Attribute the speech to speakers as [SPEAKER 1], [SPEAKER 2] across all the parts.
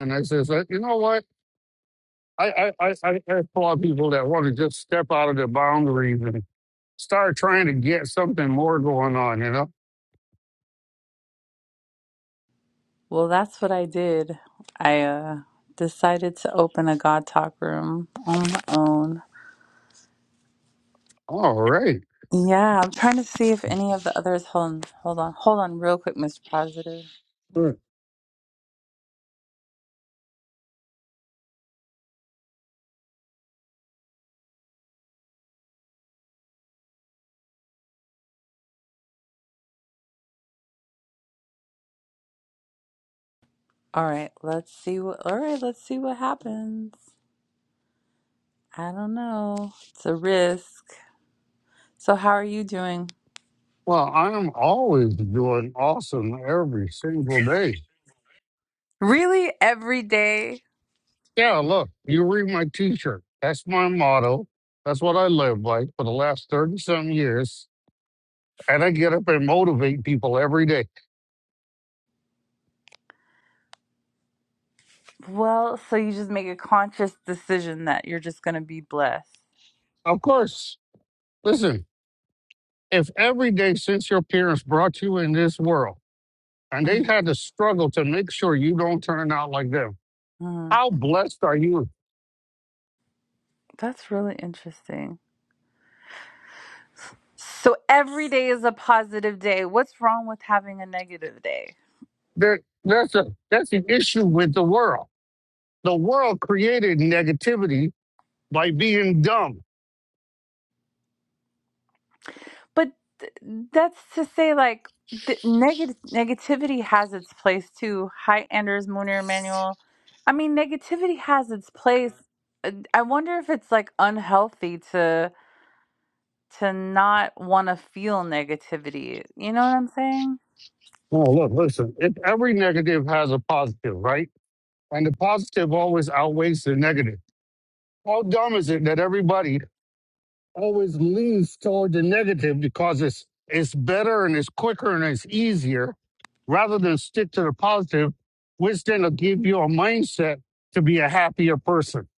[SPEAKER 1] And I says, uh, you know what? I, I, I, I I applaud people that want to just step out of their boundaries and start trying to get something more going on, you know?
[SPEAKER 2] Well, that's what I did. I uh, decided to open a God Talk room on my own.
[SPEAKER 1] All right.
[SPEAKER 2] Yeah, I'm trying to see if any of the others. Hold on, hold on, hold on, real quick, Mr. Positive.
[SPEAKER 1] Mm.
[SPEAKER 2] All right, let's see what. All right, let's see what happens. I don't know. It's a risk. So, how are you doing?
[SPEAKER 1] Well, I'm always doing awesome every single day.
[SPEAKER 2] Really, every day?
[SPEAKER 1] Yeah, look, you read my t shirt. That's my motto. That's what I live by for the last 30 some years. And I get up and motivate people every day.
[SPEAKER 2] Well, so you just make a conscious decision that you're just going to be blessed.
[SPEAKER 1] Of course, listen, if every day since your parents brought you in this world, and they've had to struggle to make sure you don't turn out like them.
[SPEAKER 2] Mhm.
[SPEAKER 1] How blessed are you?
[SPEAKER 2] That's really interesting. So every day is a positive day. What's wrong with having a negative day?
[SPEAKER 1] There, that's a that's an issue with the world. The world created negativity by being dumb.
[SPEAKER 2] But th- that's to say, like, the neg- negativity has its place too. Hi, Anders, Munir, Emmanuel. I mean, negativity has its place. Uh, I wonder if it's like unhealthy to to not want to feel negativity. You know what I'm saying?
[SPEAKER 1] Oh, look, listen. If every negative has a positive, right? And the positive always outweighs the negative. How dumb is it that everybody always leans toward the negative because it's it's better and it's quicker and it's easier rather than stick to the positive, which then will give you a mindset to be a happier person.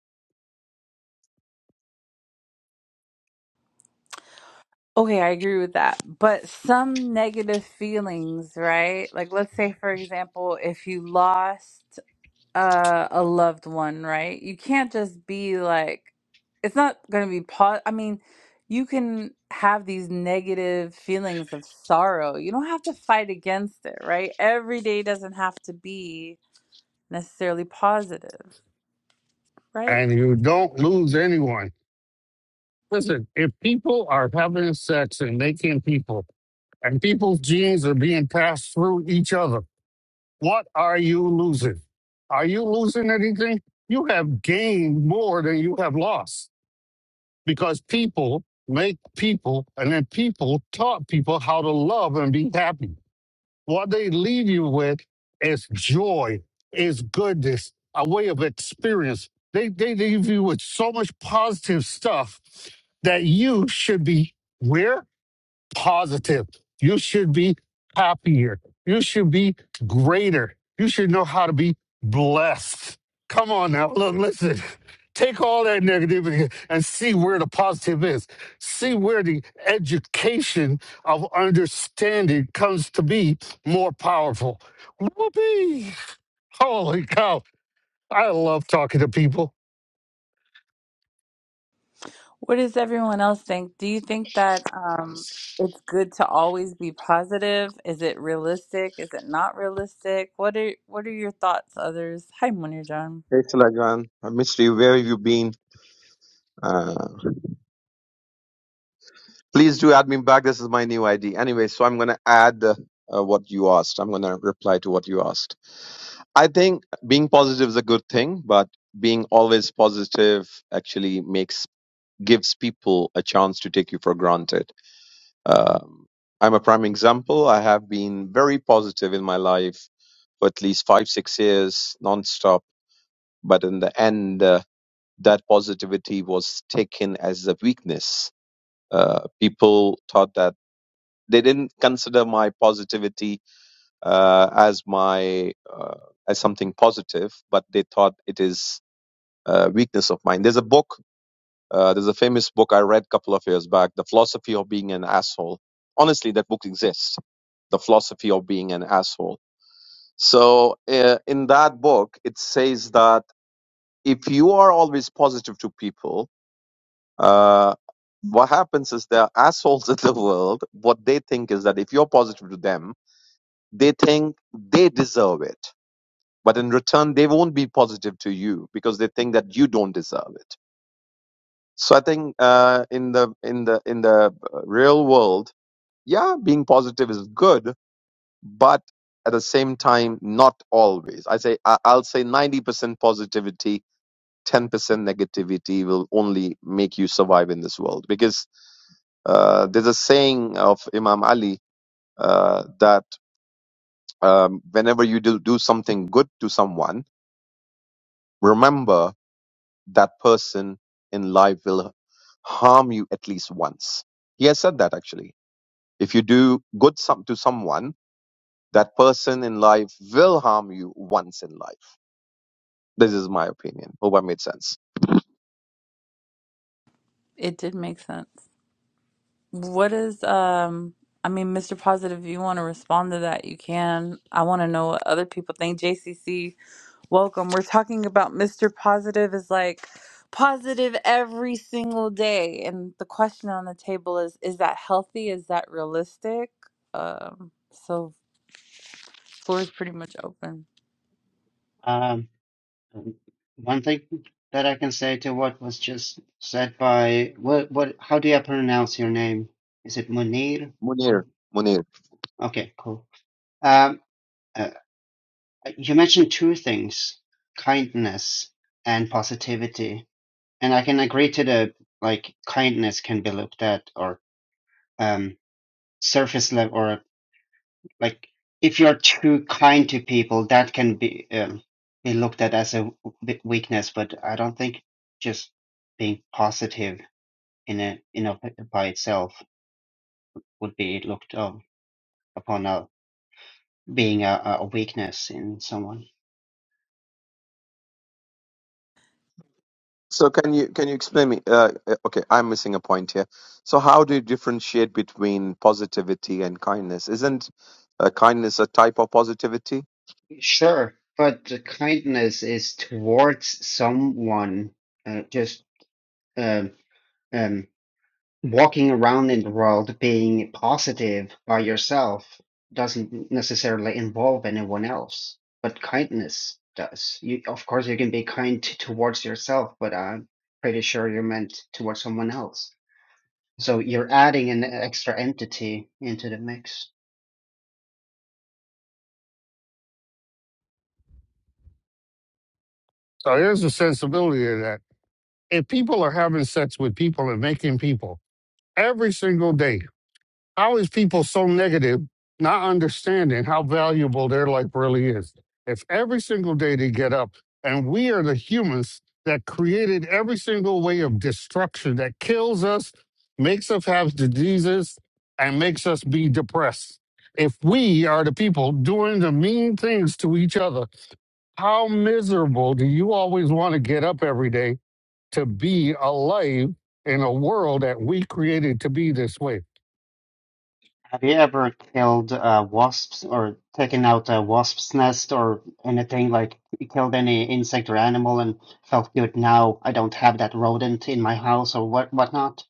[SPEAKER 2] Okay, I agree with that. But some negative feelings, right? Like, let's say, for example, if you lost. uh a loved one, right? You can't just be like it's not going to be po- I mean, you can have these negative feelings of sorrow. You don't have to fight against it, right? Every day doesn't have to be necessarily positive, right?
[SPEAKER 1] And you don't lose anyone. Listen, if people are having sex and making people and people's genes are being passed through each other, what are you losing? Are you losing anything? You have gained more than you have lost because people make people, and then people taught people how to love and be happy. What they leave you with is joy, is goodness, a way of experience. They they leave you with so much positive stuff that you should be where positive. You should be happier. You should be greater. You should know how to be blessed. Come on now. Look, listen. Take all that negativity and see where the positive is. See where the education of understanding comes to be more powerful. Whoopee! Holy cow. I love talking to people.
[SPEAKER 2] What does everyone else think? Do you think that um it's good to always be positive? Is it realistic? Is it not realistic? What are what are your thoughts, others? Hi, Munir John.
[SPEAKER 3] Thanks a lot, John. I missed you. Where have you been? Uh, please do add me back. This is my new ID. Anyway, so I'm going to add uh, uh, what you asked. I'm going to reply to what you asked. I think being positive is a good thing, but being always positive actually makes gives people a chance to take you for granted. Um, I'm a prime example. I have been very positive in my life for at least five, six years, nonstop. But in the end, uh, that positivity was taken as a weakness. Uh, people thought that they didn't consider my positivity uh, as my uh, as something positive, but they thought it is uh, weakness of mine. There's a book, uh, there's a famous book I read a couple of years back, "The Philosophy of Being an Asshole." Honestly, that book exists, "The Philosophy of Being an Asshole." So uh, in that book, it says that if you are always positive to people uh, what happens is there are assholes in the world. What they think is that if you're positive to them, they think they deserve it. But in return, they won't be positive to you because they think that you don't deserve it. So I think uh, in the in the in the uh, real world, yeah, being positive is good, but at the same time, not always. I say I- I'll say ninety percent positivity, ten percent negativity will only make you survive in this world because Uh, there's a saying of Imam Ali uh, that um, whenever you do, do something good to someone, remember that person in life will harm you at least once. He has said that actually. If you do good some, to someone, that person in life will harm you once in life. This is my opinion. Hope I made sense.
[SPEAKER 2] It did make sense. What is um I mean, Mr. Positive, if you want to respond to that, you can. I want to know what other people think. JCC, welcome. We're talking about Mr. Positive is like positive every single day. And the question on the table is is that healthy? Is that realistic? Um so floor is pretty much open.
[SPEAKER 4] Um, one thing that I can say to what was just said by what what how do you pronounce your name? Is it Munir?
[SPEAKER 3] Munir,
[SPEAKER 4] Mo-
[SPEAKER 3] Munir.
[SPEAKER 4] Okay, cool. Um, uh, you mentioned two things, kindness and positivity, and I can agree to the like kindness can be looked at or um surface level or. Like if you're too kind to people, that can be um, be looked at as a w- w- weakness. But I don't think just being positive in a in a, by itself would be looked um, upon a being a, a a weakness in someone.
[SPEAKER 3] So can you can you explain me? Uh, uh, okay, I'm missing a point here. So how do you differentiate between positivity and kindness? Isn't uh, kindness a type of positivity?
[SPEAKER 4] Sure, but the kindness is towards someone. Uh, just um, um, walking around in the world being positive by yourself doesn't necessarily involve anyone else, but kindness does. You, of course, you can be kind t- towards yourself, but I'm pretty sure you're meant towards someone else. So you're adding an extra entity into the mix.
[SPEAKER 1] So here's the sensibility of that. If people are having sex with people and making people every single day, how is people so negative not understanding how valuable their life really is if every single day they get up and we are the humans that created every single way of destruction that kills us makes us have diseases and makes us be depressed if we are the people doing the mean things to each other how miserable do you always want to get up every day to be alive in a world that we created to be this way
[SPEAKER 4] Have you ever killed uh, wasps or taken out a wasp's nest or anything like you killed any insect or animal and felt good now I don't have that rodent in my house or what whatnot?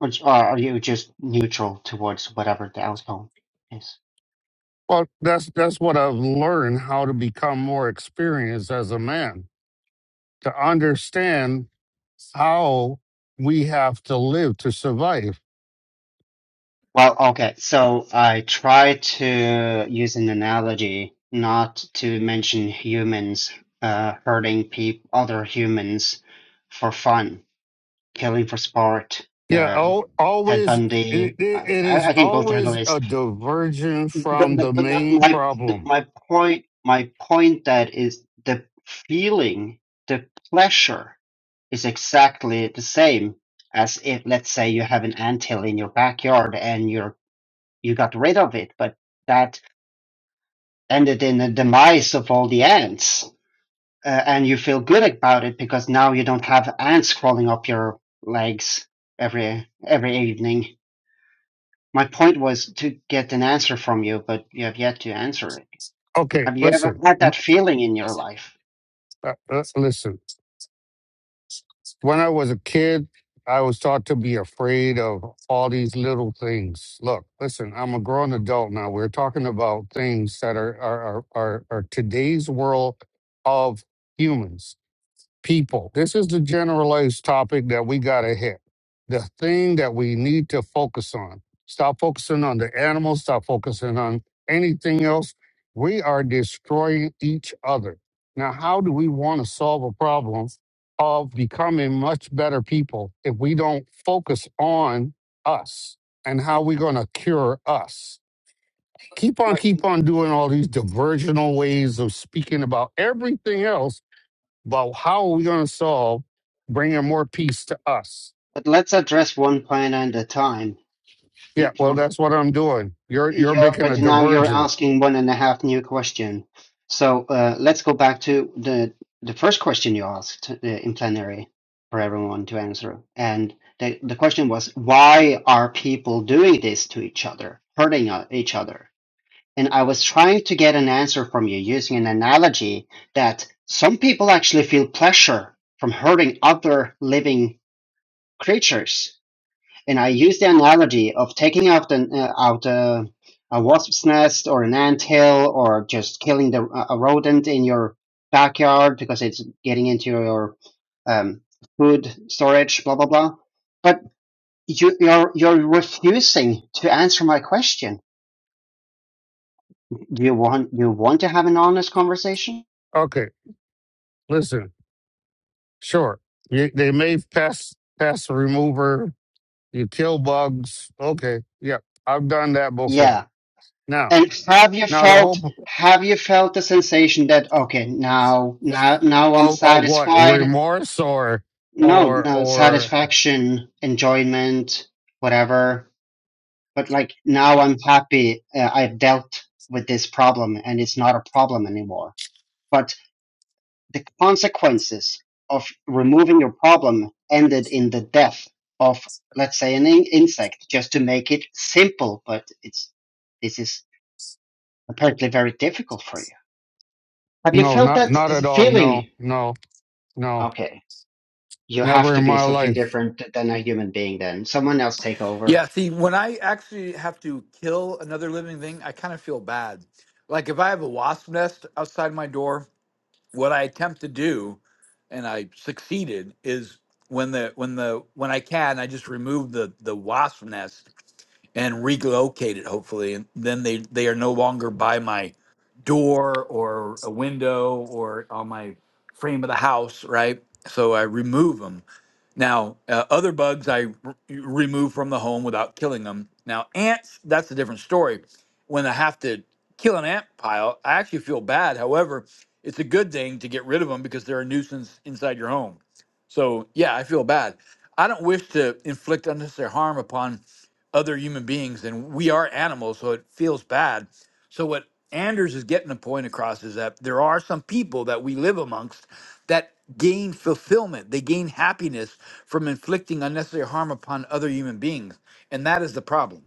[SPEAKER 4] Or, j- or are you just neutral towards whatever the outcome is?
[SPEAKER 1] well, that's that's what I've learned how to become more experienced as a man, to understand how we have to live to survive.
[SPEAKER 4] Well, okay, so I try to use an analogy not to mention humans uh, hurting peop other humans for fun, killing for sport,
[SPEAKER 1] Yeah,
[SPEAKER 4] uh,
[SPEAKER 1] al
[SPEAKER 4] Ted
[SPEAKER 1] always it,
[SPEAKER 4] Bundy.
[SPEAKER 1] it,
[SPEAKER 4] I,
[SPEAKER 1] it
[SPEAKER 4] I
[SPEAKER 1] is
[SPEAKER 4] I can go through the
[SPEAKER 1] always a
[SPEAKER 4] list.
[SPEAKER 1] diversion
[SPEAKER 4] But,
[SPEAKER 1] from the
[SPEAKER 4] but, but that-
[SPEAKER 1] main
[SPEAKER 4] my, the,
[SPEAKER 1] problem.
[SPEAKER 4] my point, my point that is the feeling, the pleasure is exactly the same as if let's say you have an anthill in your backyard and you're you got rid of it but that ended in the demise of all the ants uh, and you feel good about it because now you don't have ants crawling up your legs every every evening my point was to get an answer from you but you have yet to answer it
[SPEAKER 1] Okay,
[SPEAKER 4] have you ever
[SPEAKER 1] listen,
[SPEAKER 4] had
[SPEAKER 1] y-
[SPEAKER 4] that feeling in your life
[SPEAKER 1] uh, uh, listen. When I was a kid, I was taught to be afraid of all these little things. Look, listen, I'm a grown adult now. We're talking about things that are are are, are, are today's world of humans people. This is the generalized topic that we got to hit. The thing that we need to focus on. Stop focusing on the animals. Stop focusing on anything else. We are destroying each other. Now, how do we want to solve a problem of becoming much better people if we don't focus on us and how we're going to cure us? Keep on,
[SPEAKER 4] but,
[SPEAKER 1] keep on doing all these diversional ways of speaking about everything else about how are we going to solve bringing more peace to us.
[SPEAKER 4] but let's address one point at a time you,
[SPEAKER 1] Yeah, well,
[SPEAKER 4] you're
[SPEAKER 1] that's what I'm doing. You're you're
[SPEAKER 4] Yeah,
[SPEAKER 1] making a
[SPEAKER 4] but now you're
[SPEAKER 1] divergent.
[SPEAKER 4] asking one and a half new question. So uh, let's go back to the the first question you asked uh, in plenary for everyone to answer, and the the question was why are people doing this to each other, hurting uh, each other? And I was trying to get an answer from you using an analogy that some people actually feel pleasure from hurting other living creatures and I use the analogy of taking out an uh, out a, a wasp's nest or an ant hill or just killing the a rodent in your backyard because it's getting into your um, food storage, blah blah blah. But you, you're you're refusing to answer my question. Do You want you want to have an honest conversation?
[SPEAKER 1] Okay, listen. Sure, you, they may pass pass a remover. You kill bugs. Okay, yeah, I've done that before.
[SPEAKER 4] Yeah.
[SPEAKER 1] Now,
[SPEAKER 4] And have you
[SPEAKER 1] now the
[SPEAKER 4] felt
[SPEAKER 1] whole
[SPEAKER 4] have you felt the sensation that okay now now now I'm
[SPEAKER 1] of, of what
[SPEAKER 4] satisfied
[SPEAKER 1] remorse or
[SPEAKER 4] No,
[SPEAKER 1] or
[SPEAKER 4] no,
[SPEAKER 1] or
[SPEAKER 4] satisfaction, enjoyment, whatever. But like now I'm happy uh, I've dealt with this problem and it's not a problem anymore. But the consequences of removing your problem ended in the death of, let's say, an in- insect, just to make it simple. But it's, this is apparently very difficult for you. Have you
[SPEAKER 1] no,
[SPEAKER 4] felt
[SPEAKER 1] not
[SPEAKER 4] that
[SPEAKER 1] not at all. No,
[SPEAKER 4] feeling?
[SPEAKER 1] no, no,
[SPEAKER 4] Okay. You have
[SPEAKER 1] never
[SPEAKER 4] to
[SPEAKER 1] in
[SPEAKER 4] be
[SPEAKER 1] my
[SPEAKER 4] something
[SPEAKER 1] life.
[SPEAKER 4] different than a human being then. Someone else take over.
[SPEAKER 5] Yeah, see, when I actually have to kill another living thing, I kind of feel bad. Like if I have a wasp nest outside my door, what I attempt to do, and I succeeded, is when the when the when I can, I just remove the the wasp nest and relocate it, hopefully, and then they they are no longer by my door or a window or on my frame of the house, right? So I remove them. Now, uh, other bugs I r- remove from the home without killing them. Now, ants, that's a different story. When I have to kill an ant pile, I actually feel bad. However, it's a good thing to get rid of them because they're a nuisance inside your home. So, yeah, I feel bad. I don't wish to inflict unnecessary harm upon other human beings, and we are animals, so it feels bad. So, what Anders is getting the point across is that there are some people that we live amongst that gain fulfillment, they gain happiness from inflicting unnecessary harm upon other human beings. And that is the problem.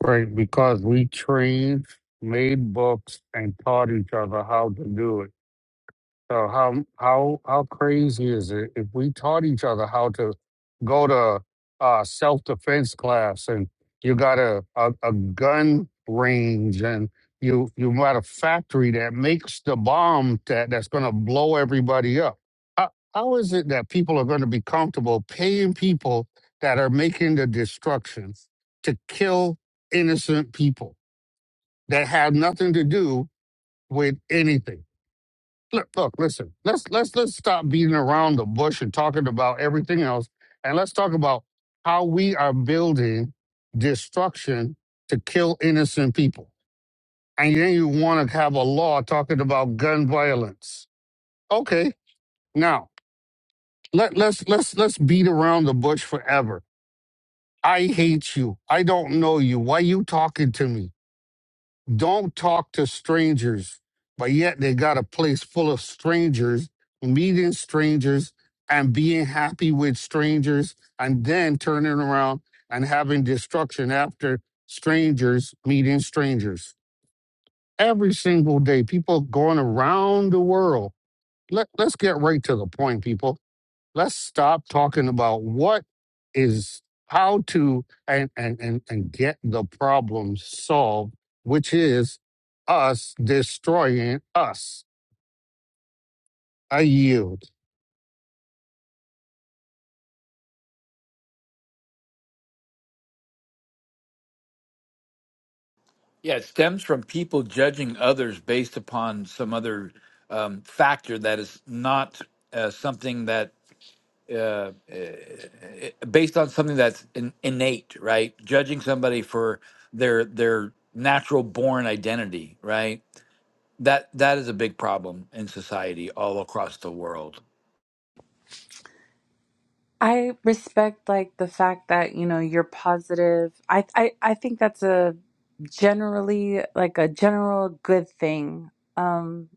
[SPEAKER 1] Right, because we trained, made books, and taught each other how to do it. So how how how crazy is it if we taught each other how to go to uh, self defense class and you got a, a a gun range and you you got a factory that makes the bomb that that's going to blow everybody up. How, how is it that people are going to be comfortable paying people that are making the destruction to kill innocent people that have nothing to do with anything? look, look, listen. Let's let's let's stop beating around the bush and talking about everything else, and let's talk about how we are building destruction to kill innocent people. And then you want to have a law talking about gun violence. Okay, now let let's let's let's beat around the bush forever. I hate you. I don't know you. Why you talking to me? don't talk to strangers, but yet they got a place full of strangers, meeting strangers and being happy with strangers, and then turning around and having destruction after strangers meeting strangers. Every single day, people going around the world. Let, let's get right to the point, people let's stop talking about what is how to and and and, and get the problem solved which is us destroying us i yield
[SPEAKER 5] Yeah, it stems from people judging others based upon some other um, factor that is not uh, something that. Uh, based on something that's in, innate, right? Judging somebody for their their natural born identity, right? That that is a big problem in society all across the world.
[SPEAKER 2] I respect like the fact that, you know, you're positive. I I I think that's a generally like a general good thing. Um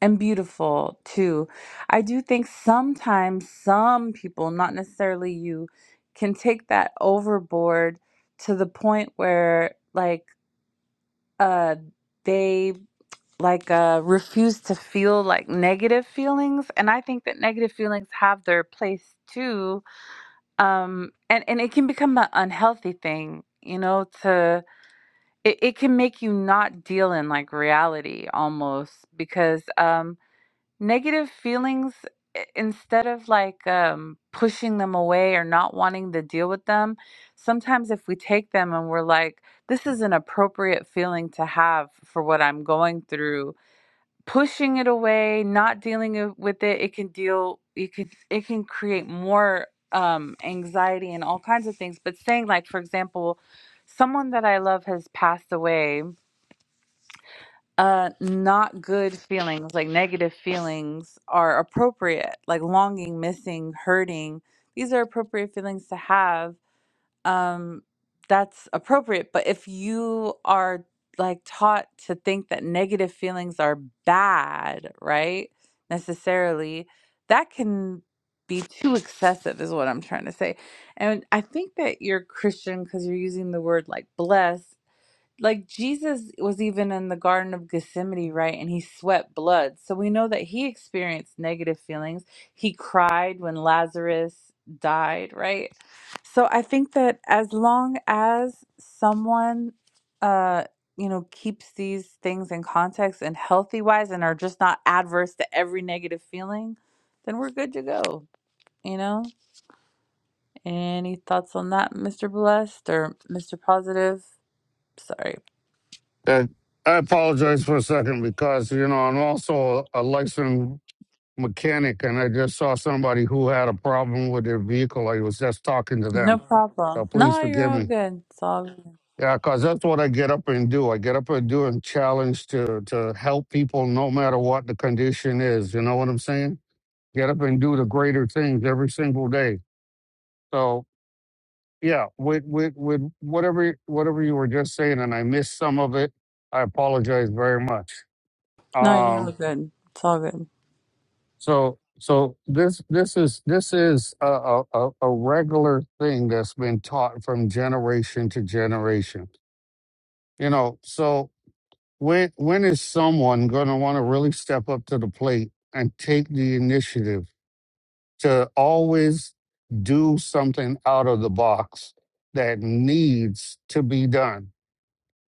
[SPEAKER 2] and beautiful too. I do think sometimes some people, not necessarily you, can take that overboard to the point where like uh they like uh refuse to feel like negative feelings and I think that negative feelings have their place too. Um and and it can become an unhealthy thing, you know, to it, it can make you not deal in like reality almost because um negative feelings i- instead of like um, pushing them away or not wanting to deal with them sometimes if we take them and we're like this is an appropriate feeling to have for what i'm going through pushing it away not dealing it- with it it can deal it can it can create more um, anxiety and all kinds of things but saying like for example someone that i love has passed away uh not good feelings like negative feelings are appropriate like longing missing hurting these are appropriate feelings to have um that's appropriate but if you are like taught to think that negative feelings are bad right necessarily that can be too excessive is what i'm trying to say and i think that you're christian because you're using the word like blessed like Jesus was even in the Garden of Gethsemane, right? And he sweat blood. So we know that he experienced negative feelings. He cried when Lazarus died, right? So I think that as long as someone, uh, you know, keeps these things in context and healthy wise and are just not adverse to every negative feeling, then we're good to go, you know? Any thoughts on that, Mr. Blessed or Mr. Positive? Sorry.
[SPEAKER 1] and i apologize for a second because you know i'm also a licensed mechanic and i just saw somebody who had a problem with their vehicle i was just talking to
[SPEAKER 2] No
[SPEAKER 1] them so
[SPEAKER 2] problem.
[SPEAKER 1] please
[SPEAKER 2] No, you're
[SPEAKER 1] forgive
[SPEAKER 2] all
[SPEAKER 1] me
[SPEAKER 2] good. It's all good.
[SPEAKER 1] Yeah, because that's what I get up and do. I get up and do and challenge to to help people no matter what the condition is. You know what I'm saying? Get up and do the greater things every single day. So yeah, with with with whatever whatever you were just saying, and I missed some of it. I apologize very much.
[SPEAKER 2] No, you're all
[SPEAKER 1] Um,
[SPEAKER 2] good. It's all good.
[SPEAKER 1] so so this this is this is a a, a a regular thing that's been taught from generation to generation. You know, so When when is someone going to want to really step up to the plate and take the initiative to always do something out of the box that needs to be done?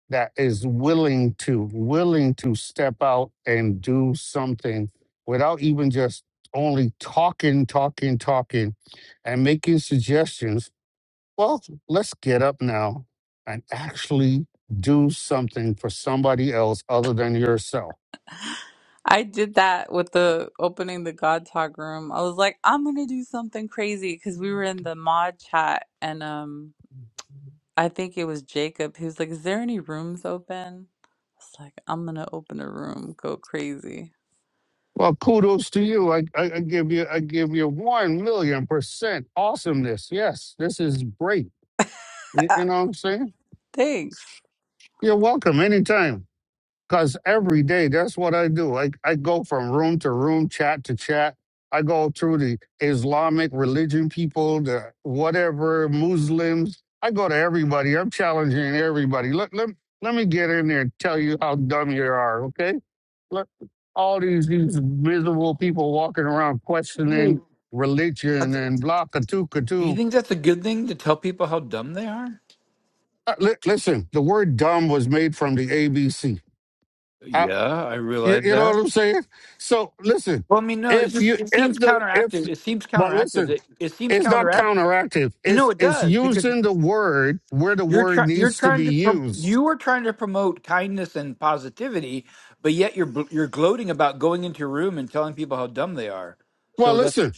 [SPEAKER 1] That is willing to willing to step out and do something without even just only talking, talking, talking, and making suggestions. Well, let's get up now and actually do something for somebody else other than yourself
[SPEAKER 2] I did that with the opening the God Talk room. I was like, I'm gonna do something crazy because we were in the mod chat and um I think it was Jacob who's like, Is there any rooms open? It's like, I'm gonna open a room, go crazy.
[SPEAKER 1] Well, kudos to you. I, I, I give you I give you one million percent awesomeness. Yes, this is great. You, you know what I'm saying?
[SPEAKER 2] Thanks.
[SPEAKER 1] You're welcome anytime. Cause every day that's what I do. I, I go from room to room, chat to chat. I go through the Islamic religion people, the whatever Muslims. I go to everybody. I'm challenging everybody. Let let, let me get in there and tell you how dumb you are. Okay? look, all these these miserable people walking around questioning
[SPEAKER 5] Right?
[SPEAKER 1] religion
[SPEAKER 5] That's,
[SPEAKER 1] and blah katook
[SPEAKER 5] you
[SPEAKER 1] katook.
[SPEAKER 5] think that's a good thing to tell people how dumb they are?
[SPEAKER 1] Uh, li- listen, the word dumb was made from the ABC.
[SPEAKER 5] Yeah, I
[SPEAKER 1] you,
[SPEAKER 5] realize
[SPEAKER 1] you know
[SPEAKER 5] that.
[SPEAKER 1] what I'm saying? So listen,
[SPEAKER 5] Well, I mean, no, it's
[SPEAKER 1] if you
[SPEAKER 5] just it
[SPEAKER 1] if
[SPEAKER 5] seems
[SPEAKER 1] the if
[SPEAKER 5] counteractive. It seems
[SPEAKER 1] but
[SPEAKER 5] counteractive.
[SPEAKER 1] listen,
[SPEAKER 5] It, it seems
[SPEAKER 1] it's not
[SPEAKER 5] counteractive.
[SPEAKER 1] counteractive.
[SPEAKER 5] No,
[SPEAKER 1] It's
[SPEAKER 5] it
[SPEAKER 1] it's
[SPEAKER 5] does because.
[SPEAKER 1] using the word where the
[SPEAKER 5] You're
[SPEAKER 1] word
[SPEAKER 5] trying. You're
[SPEAKER 1] needs to
[SPEAKER 5] trying
[SPEAKER 1] be
[SPEAKER 5] to. Pro-
[SPEAKER 1] used.
[SPEAKER 5] you are trying to promote kindness and positivity, but yet you're bl- you're gloating about going into your room and telling people how dumb they are.
[SPEAKER 1] Well,
[SPEAKER 5] So
[SPEAKER 1] listen.
[SPEAKER 5] that's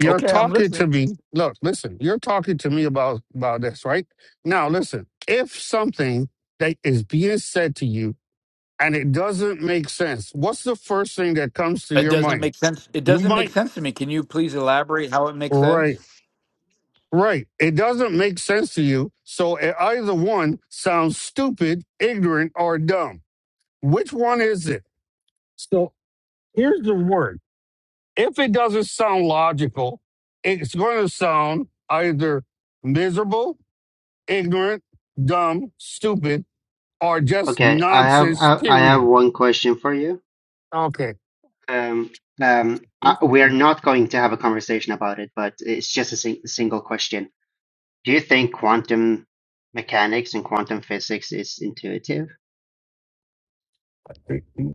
[SPEAKER 1] You're
[SPEAKER 5] okay. I'm
[SPEAKER 1] talking to
[SPEAKER 5] listening.
[SPEAKER 1] me. Look, listen. You're talking to me about about this, right? Now, listen. If something that is being said to you and it doesn't make sense, what's the first thing that comes to
[SPEAKER 5] It
[SPEAKER 1] your
[SPEAKER 5] doesn't
[SPEAKER 1] mind?
[SPEAKER 5] make sense. It
[SPEAKER 1] You
[SPEAKER 5] doesn't make
[SPEAKER 1] might
[SPEAKER 5] sense to me. Can you please elaborate how it makes sense?
[SPEAKER 1] right, right. It doesn't make sense to you, so it either one sounds stupid, ignorant, or dumb. Which one is it? So here's the word. If it doesn't sound logical, it's going to sound either miserable ignorant, dumb, stupid, or just
[SPEAKER 4] Okay, I have
[SPEAKER 1] nonsense,
[SPEAKER 4] I, I have
[SPEAKER 1] period.
[SPEAKER 4] one question for you.
[SPEAKER 1] Okay.
[SPEAKER 4] Um, um, I, we are not going to have a conversation about it, but it's just a sing single question. Do you think quantum mechanics and quantum physics is intuitive?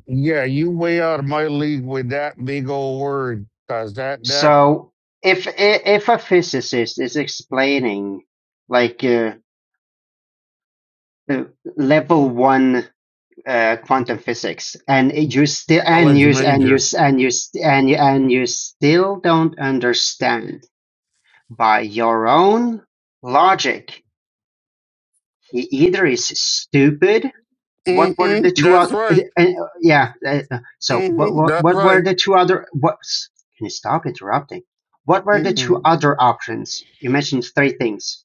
[SPEAKER 1] Yeah, you way out of my league with that big old word, cause that that
[SPEAKER 4] So, if i- if a physicist is explaining like uh, uh, level one uh, quantum physics, and you still and
[SPEAKER 1] college
[SPEAKER 4] you and you
[SPEAKER 1] major.
[SPEAKER 4] and you and you and you still don't understand. By your own logic, he either is stupid. What were
[SPEAKER 1] hmm
[SPEAKER 4] the two
[SPEAKER 1] That's
[SPEAKER 4] other? Uh,
[SPEAKER 1] right.
[SPEAKER 4] uh, yeah. uh, uh, so what,
[SPEAKER 1] hmm
[SPEAKER 4] what?
[SPEAKER 1] That's
[SPEAKER 4] What were
[SPEAKER 1] right.
[SPEAKER 4] the two other? What? Can you stop interrupting? What were the
[SPEAKER 1] hmm
[SPEAKER 4] two other options? You mentioned three things.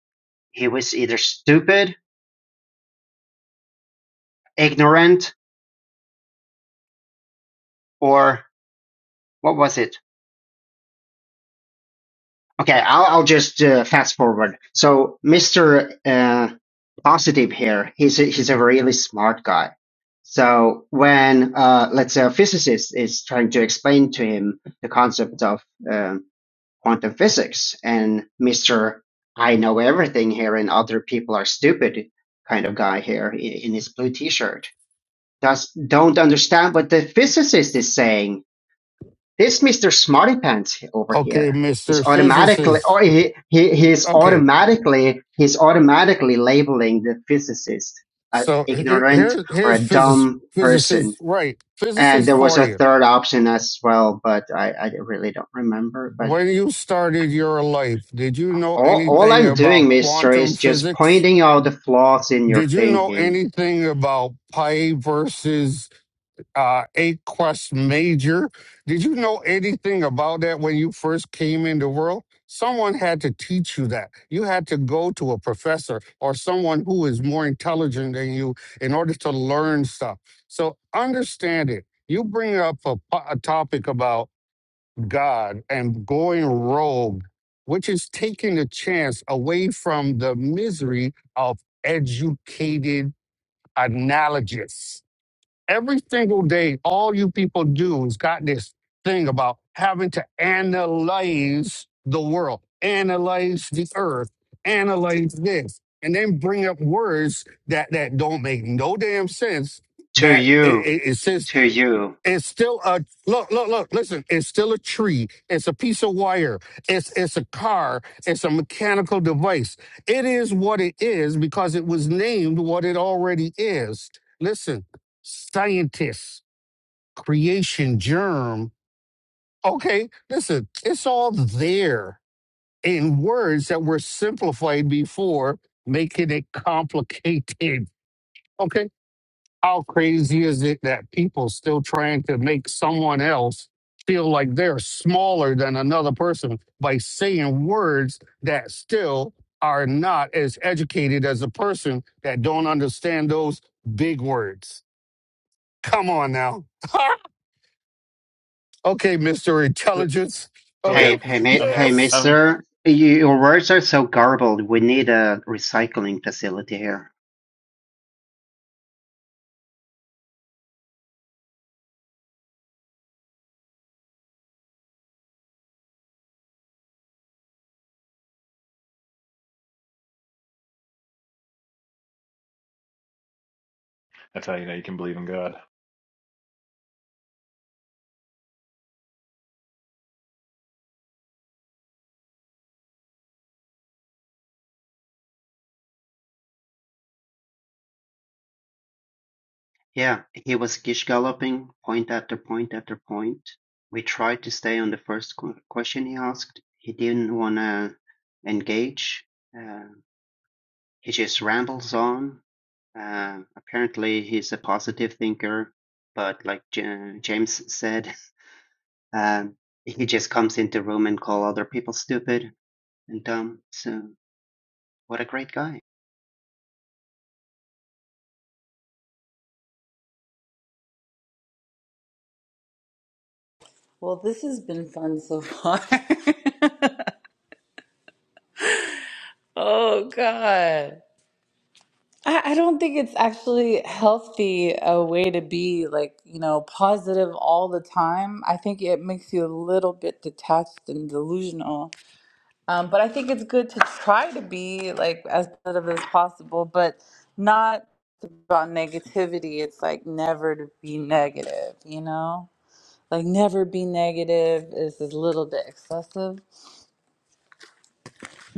[SPEAKER 4] He was either stupid, ignorant, or what was it? Okay, I'll, I'll just uh, fast forward. So Mr. Uh, Positive here, he's a, he's a really smart guy. So when uh, let's say a physicist is trying to explain to him the concept of um quantum physics, and Mr. I know everything here, and other people are stupid kind of guy here in, in his blue T-shirt does don't understand what the physicist is saying this Mr. Smartypants he- over
[SPEAKER 1] Okay,
[SPEAKER 4] here is
[SPEAKER 1] Mister
[SPEAKER 4] automatically
[SPEAKER 1] Physicist.
[SPEAKER 4] or he, he he's
[SPEAKER 1] Okay,
[SPEAKER 4] automatically he's automatically labeling the physicist a
[SPEAKER 1] so here
[SPEAKER 4] ignorant
[SPEAKER 1] here-
[SPEAKER 4] or a
[SPEAKER 1] here's physics
[SPEAKER 4] dumb
[SPEAKER 1] physicist
[SPEAKER 4] person.
[SPEAKER 1] right
[SPEAKER 4] And
[SPEAKER 1] physicist
[SPEAKER 4] there was
[SPEAKER 1] for
[SPEAKER 4] a
[SPEAKER 1] you.
[SPEAKER 4] third option as well, but I, I really don't remember. But
[SPEAKER 1] When you started your life, did you know
[SPEAKER 4] all, all
[SPEAKER 1] anything
[SPEAKER 4] I'm doing,
[SPEAKER 1] about
[SPEAKER 4] mister,
[SPEAKER 1] quantum
[SPEAKER 4] is just
[SPEAKER 1] physics?
[SPEAKER 4] pointing out the flaws in your
[SPEAKER 1] Did you know
[SPEAKER 4] thinking.
[SPEAKER 1] anything about Pi versus uh, Eight Quest Major? Did you know anything about that when you first came in the world? Someone had to teach you that. You had to go to a professor or someone who is more intelligent than you in order to learn stuff. So understand it. You bring up a, po- a topic about God and going rogue, which is taking a chance away from the misery of educated analogous. Every single day, all you people do is got this thing about having to analyze the world, analyze the earth, analyze this, and then bring up words that that don't make no damn sense.
[SPEAKER 4] To
[SPEAKER 1] That it,
[SPEAKER 4] you,
[SPEAKER 1] it, it says.
[SPEAKER 4] to you.
[SPEAKER 1] It's still a look, look, look, listen, it's still a tree. It's a piece of wire. It's it's a car. It's a mechanical device. It is what it is because it was named what it already is. Listen, scientists, creation germ. Okay, listen, it's all there in words that were simplified before, making it complicated. Okay, how crazy is it that people still trying to make someone else feel like they're smaller than another person by saying words that still are not as educated as a person that don't understand those big words? Come on now. okay, Mr.
[SPEAKER 6] So,
[SPEAKER 1] Intelligence.
[SPEAKER 6] so wait,
[SPEAKER 1] Okay.
[SPEAKER 4] Hey,
[SPEAKER 6] I'm
[SPEAKER 4] hey,
[SPEAKER 6] confused.
[SPEAKER 4] mi-
[SPEAKER 6] I'm,
[SPEAKER 4] hey,
[SPEAKER 1] Yes.
[SPEAKER 6] I'm.
[SPEAKER 4] mister, y- your words are so garbled. We need a recycling facility here.
[SPEAKER 6] That's how you know you can believe in God.
[SPEAKER 4] Yeah, he was galloping point after point after point. We tried to stay on the first qu- question he asked. He didn't want to engage. Uh, he just rambles on. Uh, apparently, he's a positive thinker, but like J- James said, um, he just comes into room and call other people stupid and dumb. So, what a great guy!
[SPEAKER 2] Well, this has been fun so far. Oh, God. I I don't think it's actually healthy a way to be like, you know, positive all the time. I think it makes you a little bit detached and delusional. Um, but I think it's good to try to be like as positive as possible, but not about negativity. It's like never to be negative, you know? Like never be negative is a little bit excessive.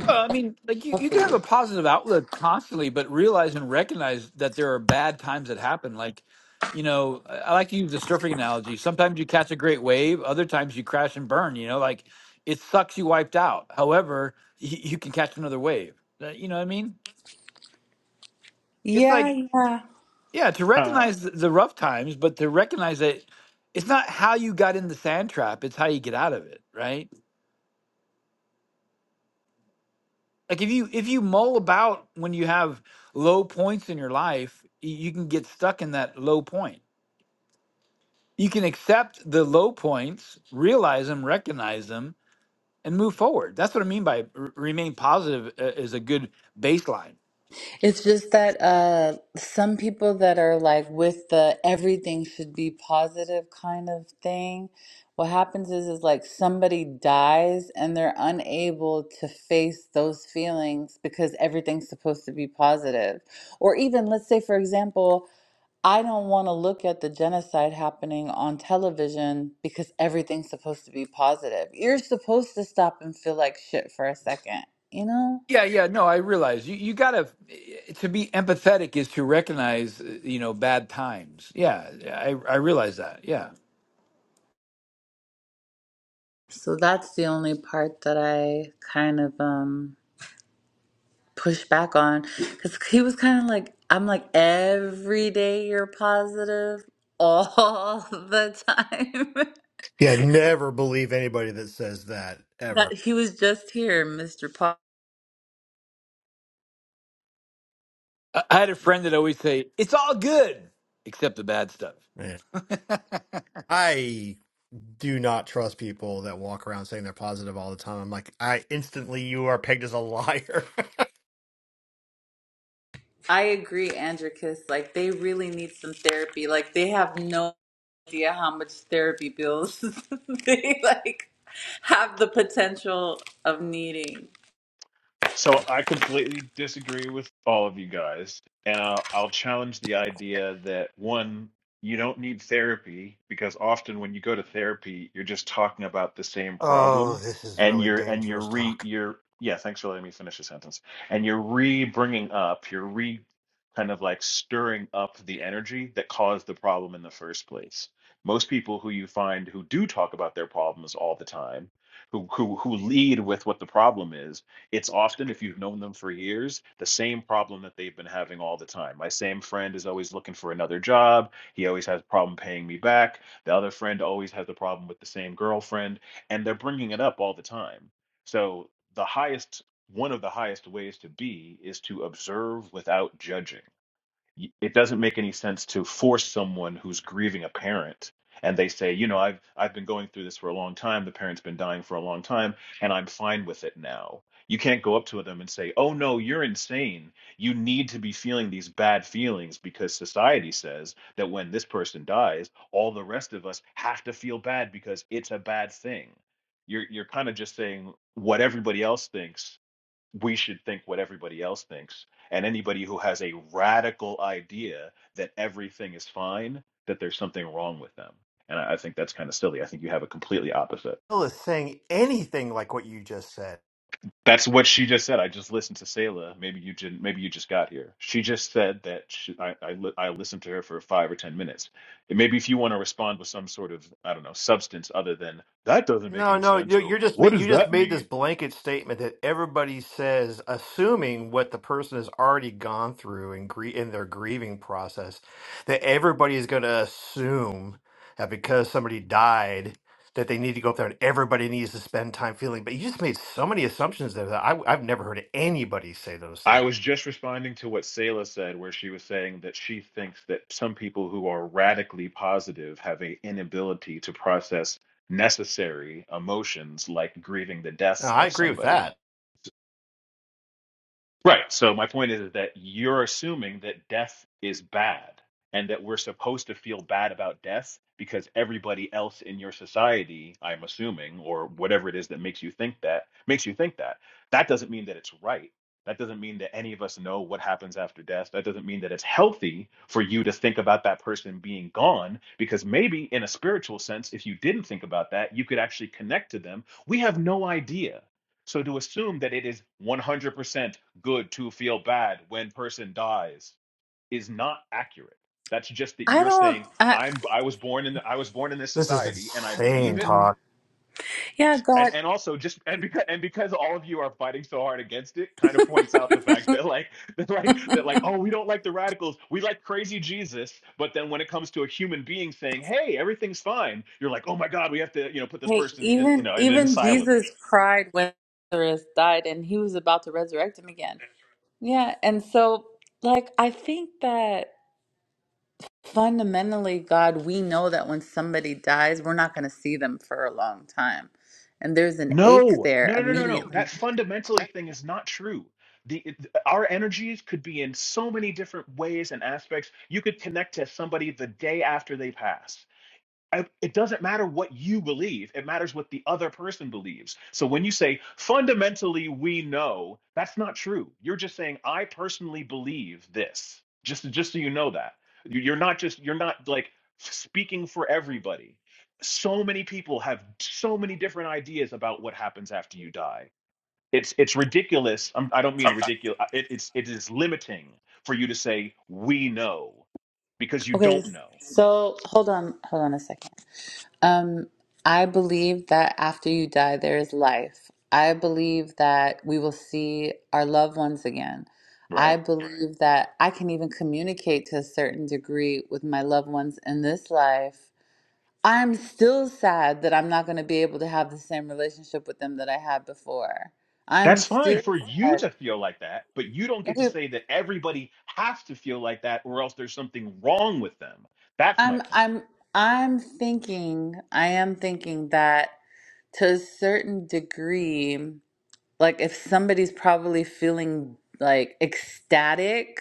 [SPEAKER 5] Well, I mean, like you, you can have
[SPEAKER 2] Healthy.
[SPEAKER 5] a positive outlook constantly, but realize and recognize that there are bad times that happen. Like, you know, I I like to use the surfing analogy. Sometimes you catch a great wave, other times you crash and burn, you know, like it sucks you wiped out. However, you, you can catch another wave. That- You know what I mean? It's
[SPEAKER 2] Yeah,
[SPEAKER 5] like,
[SPEAKER 2] yeah.
[SPEAKER 5] yeah, to
[SPEAKER 6] Uh,
[SPEAKER 5] recognize th- the rough times, but to recognize that it's not how you got in the sand trap, it's how you get out of it, right? like if you if you mull about when you have low points in your life y- you can get stuck in that low point you can accept the low points realize them recognize them and move forward that's what i mean by r- remain positive uh, is a good baseline
[SPEAKER 2] It's just that uh, some people that are like with the everything should be positive kind of thing, what happens is is like somebody dies and they're unable to face those feelings because everything's supposed to be positive. Or even let's say for example, I don't want to look at the genocide happening on television because everything's supposed to be positive. You're supposed to stop and feel like shit for a second, you know?
[SPEAKER 5] yeah yeah no i realize you, you gotta to be empathetic is to recognize uh, you know bad times yeah yeah, i, I realize that yeah
[SPEAKER 2] So that's the only part that I kind of um push back on because he was kind of like, I'm like, every day you're positive all the time.
[SPEAKER 7] Yeah, never believe anybody that says that
[SPEAKER 2] That
[SPEAKER 7] ever.
[SPEAKER 2] he was just here, Mr. Paul.
[SPEAKER 5] I, I had a friend that always say it's all good except the bad stuff
[SPEAKER 7] Yeah. I do not trust people that walk around saying they're positive all the time. I'm like, I instantly you are pegged as a liar.
[SPEAKER 2] I agree, Andricus. Like they really need some therapy. Like they have no idea how much therapy bills they like have the potential of needing.
[SPEAKER 6] So I completely disagree with all of you guys, and I'll, I'll challenge the idea that one, you don't need therapy because often when you go to therapy, you're just talking about the same
[SPEAKER 7] oh,
[SPEAKER 6] problem,
[SPEAKER 7] this is
[SPEAKER 6] and
[SPEAKER 7] really
[SPEAKER 6] you're and you're
[SPEAKER 7] dangerous
[SPEAKER 6] re
[SPEAKER 7] talk.
[SPEAKER 6] you're yeah. Thanks for letting me finish the sentence. And you're re bringing up, you're re kind of like stirring up the energy that caused the problem in the first place. Most people who you find who do talk about their problems all the time, who who who lead with what the problem is it's often, if you've known them for years, the same problem that they've been having all the time. My same friend is always looking for another job. He always has a problem paying me back. The other friend always has a problem with the same girlfriend, and they're bringing it up all the time. So, the highest, one of the highest ways to be is to observe without judging y- it doesn't make any sense to force someone who's grieving a parent and they say you know i've i've been going through this for a long time the parent's been dying for a long time and i'm fine with it now you can't go up to them and say oh no you're insane you need to be feeling these bad feelings because society says that when this person dies all the rest of us have to feel bad because it's a bad thing you're you're kind of just saying what everybody else thinks we should think what everybody else thinks. And anybody who has a radical idea that everything is fine, that there's something wrong with them. And I, I think that's kind of silly. I think you have a completely opposite.
[SPEAKER 7] Bill is saying anything like what you just said.
[SPEAKER 6] That's what she just said. I just listened to Selah. Maybe you didn't. Maybe you just got here. She just said that she, I, I, li- I listened to her for five or ten minutes. And maybe if you want to respond with some sort of I don't know substance other than that doesn't make
[SPEAKER 7] No,
[SPEAKER 6] any
[SPEAKER 7] no,
[SPEAKER 6] sense
[SPEAKER 7] you-
[SPEAKER 6] or
[SPEAKER 7] you're just ma-
[SPEAKER 6] what does
[SPEAKER 7] you just
[SPEAKER 6] that
[SPEAKER 7] made this
[SPEAKER 6] mean
[SPEAKER 7] blanket statement that everybody says, assuming what the person has already gone through in grie- in their grieving process, that everybody is going to assume that because somebody died, that they need to go up there and everybody needs to spend time feeling. But you just made so many assumptions there that I, I've never heard anybody say those
[SPEAKER 6] I
[SPEAKER 7] things.
[SPEAKER 6] was just responding to what Selah said, where she was saying that she thinks that some people who are radically positive have an inability to process necessary emotions like grieving the
[SPEAKER 7] No,
[SPEAKER 6] death
[SPEAKER 7] I
[SPEAKER 6] of
[SPEAKER 7] agree with
[SPEAKER 6] somebody.
[SPEAKER 7] that.
[SPEAKER 6] Right. So my point is that you're assuming that death is bad and that we're supposed to feel bad about death because everybody else in your society, I'm assuming, or whatever it is that makes you think that, makes you think that. That doesn't mean that it's right. That doesn't mean that any of us know what happens after death. That doesn't mean that it's healthy for you to think about that person being gone because maybe in a spiritual sense, if you didn't think about that, you could actually connect to them. We have no idea. So to assume that it is 100% good to feel bad when person dies is not accurate. That's just that
[SPEAKER 2] I
[SPEAKER 6] you're
[SPEAKER 2] don't
[SPEAKER 6] saying
[SPEAKER 2] I,
[SPEAKER 6] I'm I was born in the, I was born in this
[SPEAKER 7] This is
[SPEAKER 6] society and I believe
[SPEAKER 7] insane,
[SPEAKER 6] it.
[SPEAKER 2] Mhm. Yeah,
[SPEAKER 6] And
[SPEAKER 2] God.
[SPEAKER 6] and also just and because and because all of you are fighting so hard against it, kind of points out the fact that like that like that like oh we don't like the radicals, we like crazy Jesus. But then when it comes to a human being saying hey everything's fine, you're like oh my god we have to you know put this
[SPEAKER 2] Hey,
[SPEAKER 6] person in you
[SPEAKER 2] even
[SPEAKER 6] know in an
[SPEAKER 2] even
[SPEAKER 6] asylum
[SPEAKER 2] Jesus cried when Lazarus died and he was about to resurrect him again. Yeah, and so like I think that fundamentally, God, we know that when somebody dies, we're not going to see them for a long time. And there's an ache
[SPEAKER 6] No,
[SPEAKER 2] there
[SPEAKER 6] no, no, no, no, no.
[SPEAKER 2] immediately.
[SPEAKER 6] That fundamentally thing is not true. The it, our energies could be in so many different ways and aspects. You could connect to somebody the day after they pass. I- it doesn't matter what you believe it matters what the other person believes so when you say fundamentally we know that's not true you're just saying i personally believe this just just so you know that You- are not just you're not like speaking for everybody so many people have so many different ideas about what happens after you die it's it's ridiculous I'm, i don't mean ridiculous it, it's it is limiting for you to say we know because you
[SPEAKER 2] Okay,
[SPEAKER 6] don't know
[SPEAKER 2] so hold on, hold on a second. Um, I believe that after you die, there is life. I believe that we will see our loved ones again.
[SPEAKER 6] right?
[SPEAKER 2] I Right. believe that I can even communicate to a certain degree with my loved ones in this life. I'm still sad that I'm not going to be able to have the same relationship with them that I had before. I'm
[SPEAKER 6] That's fine
[SPEAKER 2] still
[SPEAKER 6] for
[SPEAKER 2] Right.
[SPEAKER 6] you
[SPEAKER 2] sad.
[SPEAKER 6] to feel like that, but you don't get to
[SPEAKER 2] Okay,
[SPEAKER 6] say that everybody has to feel like that or else there's something wrong with them. That's my
[SPEAKER 2] I'm
[SPEAKER 6] point.
[SPEAKER 2] I'm I'm thinking, I am thinking that to a certain degree like if somebody's probably feeling like ecstatic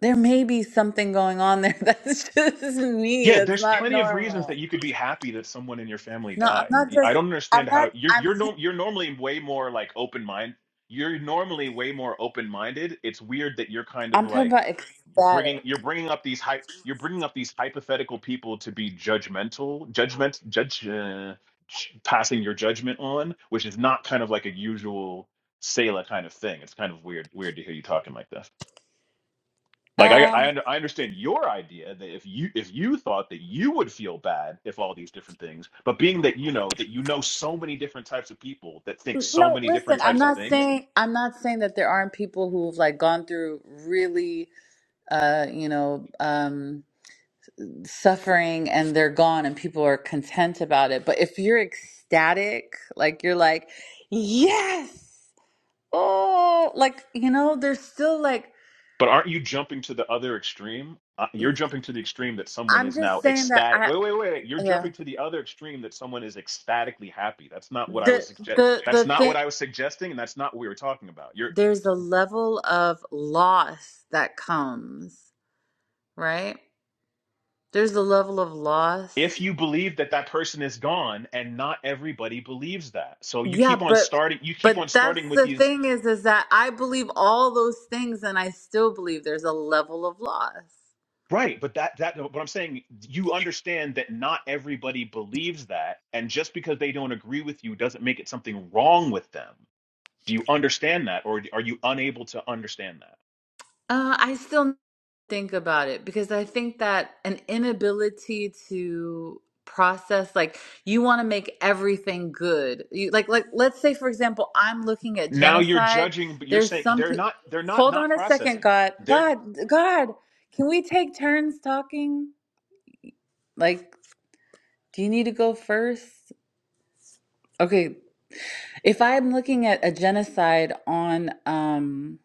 [SPEAKER 2] there may be something going on there that's just me
[SPEAKER 6] Yeah,
[SPEAKER 2] that's
[SPEAKER 6] there's
[SPEAKER 2] not
[SPEAKER 6] plenty of reasons that
[SPEAKER 2] normal
[SPEAKER 6] you could be happy that someone in your family
[SPEAKER 2] no i'm
[SPEAKER 6] died.
[SPEAKER 2] not
[SPEAKER 6] I
[SPEAKER 2] just
[SPEAKER 6] don't understand
[SPEAKER 2] i'm not
[SPEAKER 6] how you're
[SPEAKER 2] i'm
[SPEAKER 6] you're
[SPEAKER 2] saying-
[SPEAKER 6] no, you're normally way more like open mind. You're normally way more open minded. It's weird that you're kind of
[SPEAKER 2] i'm talking
[SPEAKER 6] like
[SPEAKER 2] about ecstatic
[SPEAKER 6] bringing you're bringing up these hy- you're bringing up these hypothetical people to be judgmental, judgment, judge, uh, j- passing your judgment on, which is not kind of like a usual Sela kind of thing. It's kind of weird weird to hear you talking like this. Like I I,
[SPEAKER 2] um
[SPEAKER 6] under, I understand your idea that if you if you thought that you would feel bad if all these different things, but being that you know that you know so many different types of people that think so
[SPEAKER 2] no
[SPEAKER 6] many
[SPEAKER 2] listen
[SPEAKER 6] different
[SPEAKER 2] i'm
[SPEAKER 6] types of
[SPEAKER 2] not
[SPEAKER 6] things,
[SPEAKER 2] saying i'm not saying that there aren't people who've like gone through really uh you know um suffering and they're gone and people are content about it but if you're ecstatic like you're like yes Oh, like you know, there's still like
[SPEAKER 6] but aren't you jumping to the other extreme? Uh, you're jumping to the extreme that someone
[SPEAKER 2] I'm
[SPEAKER 6] is now
[SPEAKER 2] just saying that
[SPEAKER 6] ecstatic.
[SPEAKER 2] I
[SPEAKER 6] Wait, wait, wait. You're
[SPEAKER 2] yeah
[SPEAKER 6] jumping to the other extreme that someone is ecstatically happy. That's not what I was
[SPEAKER 2] the
[SPEAKER 6] suggest.
[SPEAKER 2] the
[SPEAKER 6] That's
[SPEAKER 2] the
[SPEAKER 6] not what
[SPEAKER 2] thing
[SPEAKER 6] I was suggesting, and that's not what we were talking about. You're.
[SPEAKER 2] there's a level of loss that comes right. There's a level of loss.
[SPEAKER 6] if you believe that that person is gone and not everybody believes that so you
[SPEAKER 2] Yeah,
[SPEAKER 6] keep on
[SPEAKER 2] but
[SPEAKER 6] starting you keep on
[SPEAKER 2] but
[SPEAKER 6] starting
[SPEAKER 2] that's
[SPEAKER 6] with
[SPEAKER 2] the
[SPEAKER 6] these
[SPEAKER 2] thing is is that I believe all those things and I still believe there's a level of loss.
[SPEAKER 6] right but that that what i'm saying you understand that not everybody believes that and just because they don't agree with you doesn't make it something wrong with them do you understand that or are you unable to understand that
[SPEAKER 2] Uh, I still think about it because I think that an inability to process, like you want to make everything good. You like, like let's say for example, I'm looking at
[SPEAKER 6] now you're
[SPEAKER 2] genocide.
[SPEAKER 6] judging but you're
[SPEAKER 2] There's
[SPEAKER 6] saying
[SPEAKER 2] some.
[SPEAKER 6] they're
[SPEAKER 2] pe-
[SPEAKER 6] not they're not
[SPEAKER 2] Hold on
[SPEAKER 6] not
[SPEAKER 2] a second,
[SPEAKER 6] processing it
[SPEAKER 2] God,
[SPEAKER 6] they're
[SPEAKER 2] God, God. Can we take turns talking? Like, do you need to go first? Okay, if I'm looking at a genocide on, um,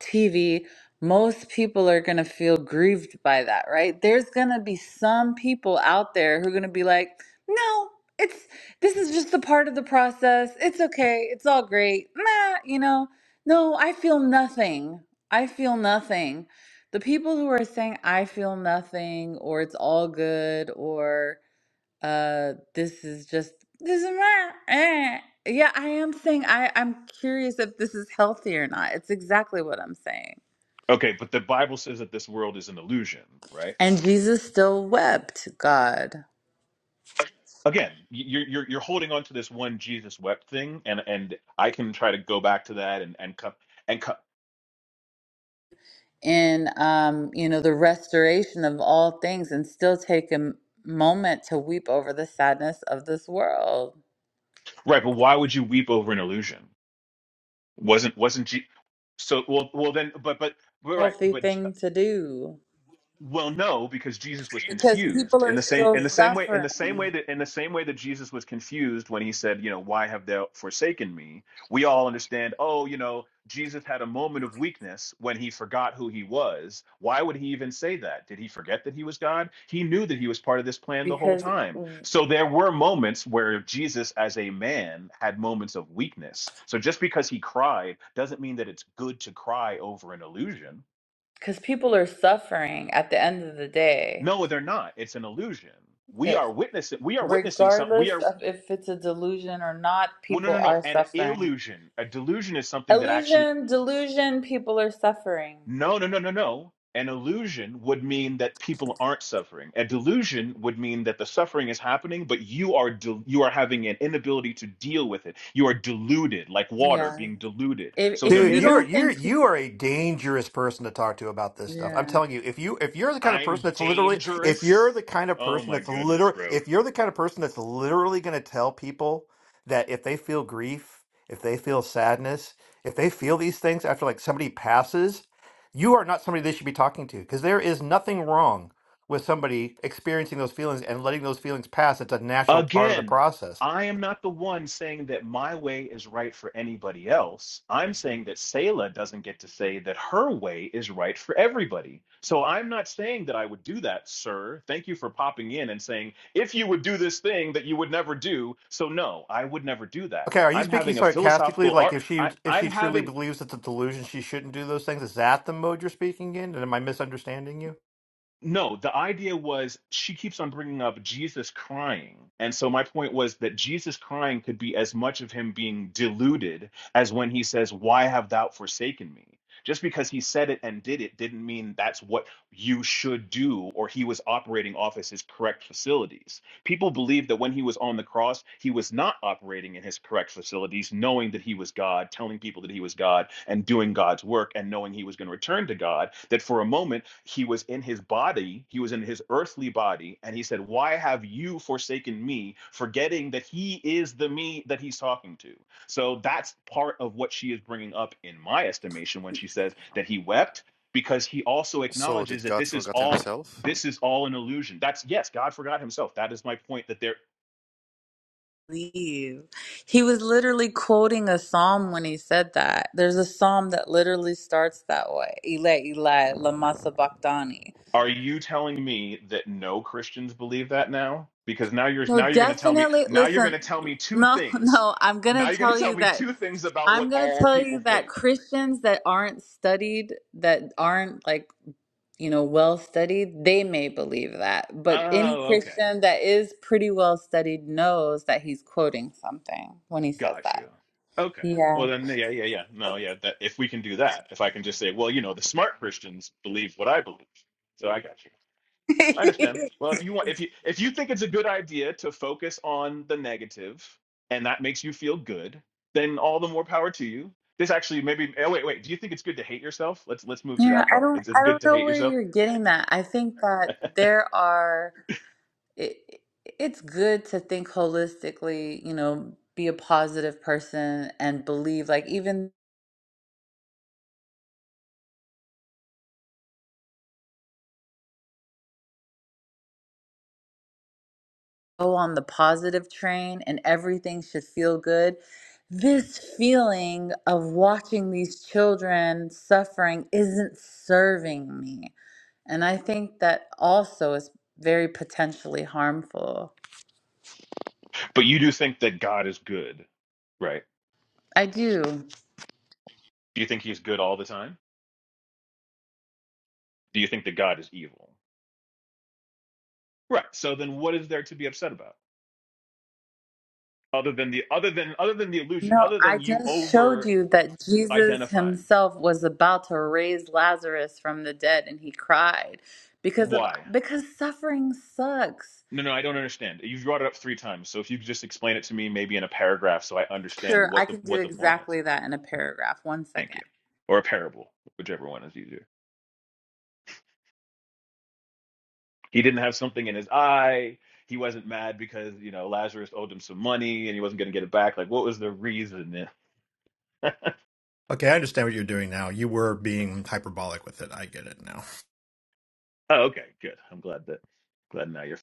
[SPEAKER 2] TV, most people are going to feel grieved by that, right? There's going to be some people out there who are going to be like, no, it's this is just a part of the process. It's okay. It's all great. Nah, you know, no, I feel nothing. I feel nothing. The people who are saying, I feel nothing, or it's all good, or uh, this is just this is my, eh. Yeah, I am saying I I'm curious if this is healthy or not. It's exactly what I'm saying.
[SPEAKER 6] okay but the bible says that this world is an illusion right
[SPEAKER 2] And Jesus still wept, God,
[SPEAKER 6] again you're you're you're holding on to this one Jesus wept thing and and I can try to go back to that and and come and come
[SPEAKER 2] in um, you know, the restoration of all things and still take a m- moment to weep over the sadness of this world.
[SPEAKER 6] right but why would you weep over an illusion wasn't wasn't Je- so well well then but but but right
[SPEAKER 2] Healthy
[SPEAKER 6] but
[SPEAKER 2] thing to do
[SPEAKER 6] Well, no, because Jesus was
[SPEAKER 2] because people
[SPEAKER 6] confused in
[SPEAKER 2] are
[SPEAKER 6] the same
[SPEAKER 2] still
[SPEAKER 6] in the same way in the same way
[SPEAKER 2] suffering
[SPEAKER 6] that in the same way that Jesus was confused when he said, you know, why have thou forsaken me? We all understand, oh, you know, Jesus had a moment of weakness when he forgot who he was. Why would he even say that? Did he forget that he was God? He knew that he was part of this plan the whole
[SPEAKER 2] because
[SPEAKER 6] time. So there were moments where Jesus as a man had moments of weakness. So just because he cried doesn't mean that it's good to cry over an illusion
[SPEAKER 2] because people are suffering at the end of the day.
[SPEAKER 6] No, they're not. It's an illusion. We are witnessing. We are witnessing something. We
[SPEAKER 2] Regardless
[SPEAKER 6] are.
[SPEAKER 2] of if it's a delusion or not,
[SPEAKER 6] Well, no,
[SPEAKER 2] people
[SPEAKER 6] no, no.
[SPEAKER 2] are
[SPEAKER 6] An
[SPEAKER 2] suffering.
[SPEAKER 6] illusion. A delusion is something that actually.
[SPEAKER 2] Illusion, delusion, people are suffering.
[SPEAKER 6] No, no, no, no, no. An illusion would mean that people aren't suffering. A delusion would mean that the suffering is happening, but you are del- you are having an inability to deal with it. You are deluded, like water
[SPEAKER 2] Yeah.
[SPEAKER 6] being diluted.
[SPEAKER 2] If
[SPEAKER 6] So
[SPEAKER 2] if
[SPEAKER 6] there
[SPEAKER 7] Dude,
[SPEAKER 2] you
[SPEAKER 6] is a.
[SPEAKER 7] you're
[SPEAKER 2] don't
[SPEAKER 7] you're
[SPEAKER 2] think people
[SPEAKER 7] you are a dangerous person to talk to about this stuff. I'm
[SPEAKER 2] Yeah.
[SPEAKER 7] telling you, if you if you're the kind of
[SPEAKER 6] I'm
[SPEAKER 7] person that's literally if
[SPEAKER 6] dangerous.
[SPEAKER 7] you're the kind of
[SPEAKER 6] Oh
[SPEAKER 7] person
[SPEAKER 6] my
[SPEAKER 7] that's
[SPEAKER 6] goodness,
[SPEAKER 7] literally
[SPEAKER 6] bro.
[SPEAKER 7] if you're the kind of person that's literally going to tell people that if they feel grief, if they feel sadness, if they feel these things after like somebody passes, you are not somebody they should be talking to because there is nothing wrong with somebody experiencing those feelings and letting those feelings pass. It's a natural part of the
[SPEAKER 6] Again,
[SPEAKER 7] process.
[SPEAKER 6] I am not the one saying that my way is right for anybody else. I'm saying that Selah doesn't get to say that her way is right for everybody. So I'm not saying that I would do that, sir. Thank you for popping in and saying, if you would do this thing that you would never do. So no, I would never do that.
[SPEAKER 7] Okay, are you
[SPEAKER 6] I'm
[SPEAKER 7] speaking
[SPEAKER 6] having a
[SPEAKER 7] sarcastically?
[SPEAKER 6] philosophical
[SPEAKER 7] Like
[SPEAKER 6] art.
[SPEAKER 7] if she
[SPEAKER 6] I,
[SPEAKER 7] if
[SPEAKER 6] I'm
[SPEAKER 7] she truly
[SPEAKER 6] having
[SPEAKER 7] believes it's a delusion, she shouldn't do those things. Is that the mode you're speaking in? And am I misunderstanding you?
[SPEAKER 6] No, the idea was she keeps on bringing up Jesus crying. And so my point was that Jesus crying could be as much of him being deluded as when he says, Why have thou forsaken me? Just because he said it and did it didn't mean that's what you should do or he was operating off as his correct facilities. People believe that when he was on the cross, he was not operating in his correct facilities, knowing that he was God, telling people that he was God, and doing God's work, and knowing he was going to return to God. That for a moment, he was in his body, he was in his earthly body, and he said, Why have you forsaken me, forgetting that he is the me that he's talking to? So that's part of what she is bringing up, in my estimation, when she says that he wept because he also
[SPEAKER 8] So
[SPEAKER 6] acknowledges
[SPEAKER 8] did
[SPEAKER 6] that
[SPEAKER 8] God
[SPEAKER 6] this is
[SPEAKER 8] forget
[SPEAKER 6] all
[SPEAKER 8] himself?
[SPEAKER 6] this is all an illusion. That's yes, God forgot himself. That is my point that there
[SPEAKER 2] Leave. He was literally quoting a psalm when he said that. There's a psalm that literally starts that way. Eli Eli Lama Sabachthani.
[SPEAKER 6] are you telling me that no Christians believe that now? Because now you're
[SPEAKER 2] No,
[SPEAKER 6] now you're going to tell me
[SPEAKER 2] definitely
[SPEAKER 6] now you're going
[SPEAKER 2] listen,
[SPEAKER 6] to tell me two
[SPEAKER 2] no,
[SPEAKER 6] things.
[SPEAKER 2] no, I'm gonna
[SPEAKER 6] Now you're going to
[SPEAKER 2] tell
[SPEAKER 6] tell
[SPEAKER 2] you
[SPEAKER 6] me
[SPEAKER 2] that
[SPEAKER 6] two things about what
[SPEAKER 2] I'm gonna
[SPEAKER 6] all
[SPEAKER 2] tell
[SPEAKER 6] people
[SPEAKER 2] you
[SPEAKER 6] think.
[SPEAKER 2] that Christians that aren't studied, that aren't like you know, well studied, they may believe that. But any
[SPEAKER 6] Oh, okay.
[SPEAKER 2] Christian that is pretty well studied knows that he's quoting something when he says
[SPEAKER 6] Got you.
[SPEAKER 2] that.
[SPEAKER 6] Okay. Well
[SPEAKER 2] Yeah.
[SPEAKER 6] then yeah, yeah, yeah. No, yeah, that if we can do that, if I can just say, well, you know, the smart Christians believe what I believe. So I got you. I understand. Well, if you want, if you if you think it's a good idea to focus on the negative, and that makes you feel good, then all the more power to you. This actually maybe. Oh, wait, wait. Do you think it's good to hate yourself? Let's let's move to
[SPEAKER 2] Yeah,
[SPEAKER 6] that
[SPEAKER 2] I
[SPEAKER 6] part.
[SPEAKER 2] don't
[SPEAKER 6] It's it's
[SPEAKER 2] I
[SPEAKER 6] good
[SPEAKER 2] don't
[SPEAKER 6] to
[SPEAKER 2] know
[SPEAKER 6] hate
[SPEAKER 2] where
[SPEAKER 6] yourself,
[SPEAKER 2] you're getting that. I think that there are it, it's good to think holistically, you know, be a positive person and believe like even go on the positive train and everything should feel good. This feeling of watching these children suffering isn't serving me. And I think that also is very potentially harmful.
[SPEAKER 6] but you do think that God is good, right?
[SPEAKER 2] I do.
[SPEAKER 6] Do you think He's good all the time? Do you think that God is evil? Right. So then, what is there to be upset about, other than the other than other than the illusion,
[SPEAKER 2] No,
[SPEAKER 6] other
[SPEAKER 2] I
[SPEAKER 6] than you
[SPEAKER 2] just showed
[SPEAKER 6] over
[SPEAKER 2] you that Jesus
[SPEAKER 6] identifying?
[SPEAKER 2] himself was about to raise Lazarus from the dead and he cried because of
[SPEAKER 6] Why?
[SPEAKER 2] because suffering sucks.
[SPEAKER 6] No, no, I don't understand. You've brought it up three times, so if you could just explain it to me, maybe in a paragraph, so I understand
[SPEAKER 2] Sure, I
[SPEAKER 6] what the
[SPEAKER 2] can do
[SPEAKER 6] what the point is.
[SPEAKER 2] exactly that in a paragraph. One
[SPEAKER 6] Thank
[SPEAKER 2] second.
[SPEAKER 6] you. Or a parable, whichever one is easier. He didn't have something in his eye. He wasn't mad because you know Lazarus owed him some money and he wasn't going to get it back. Like, what was the reason? oh,
[SPEAKER 7] Okay, I understand what you're doing now. You were being hyperbolic with it. I get it now.
[SPEAKER 6] okay, good. I'm glad that glad now you're.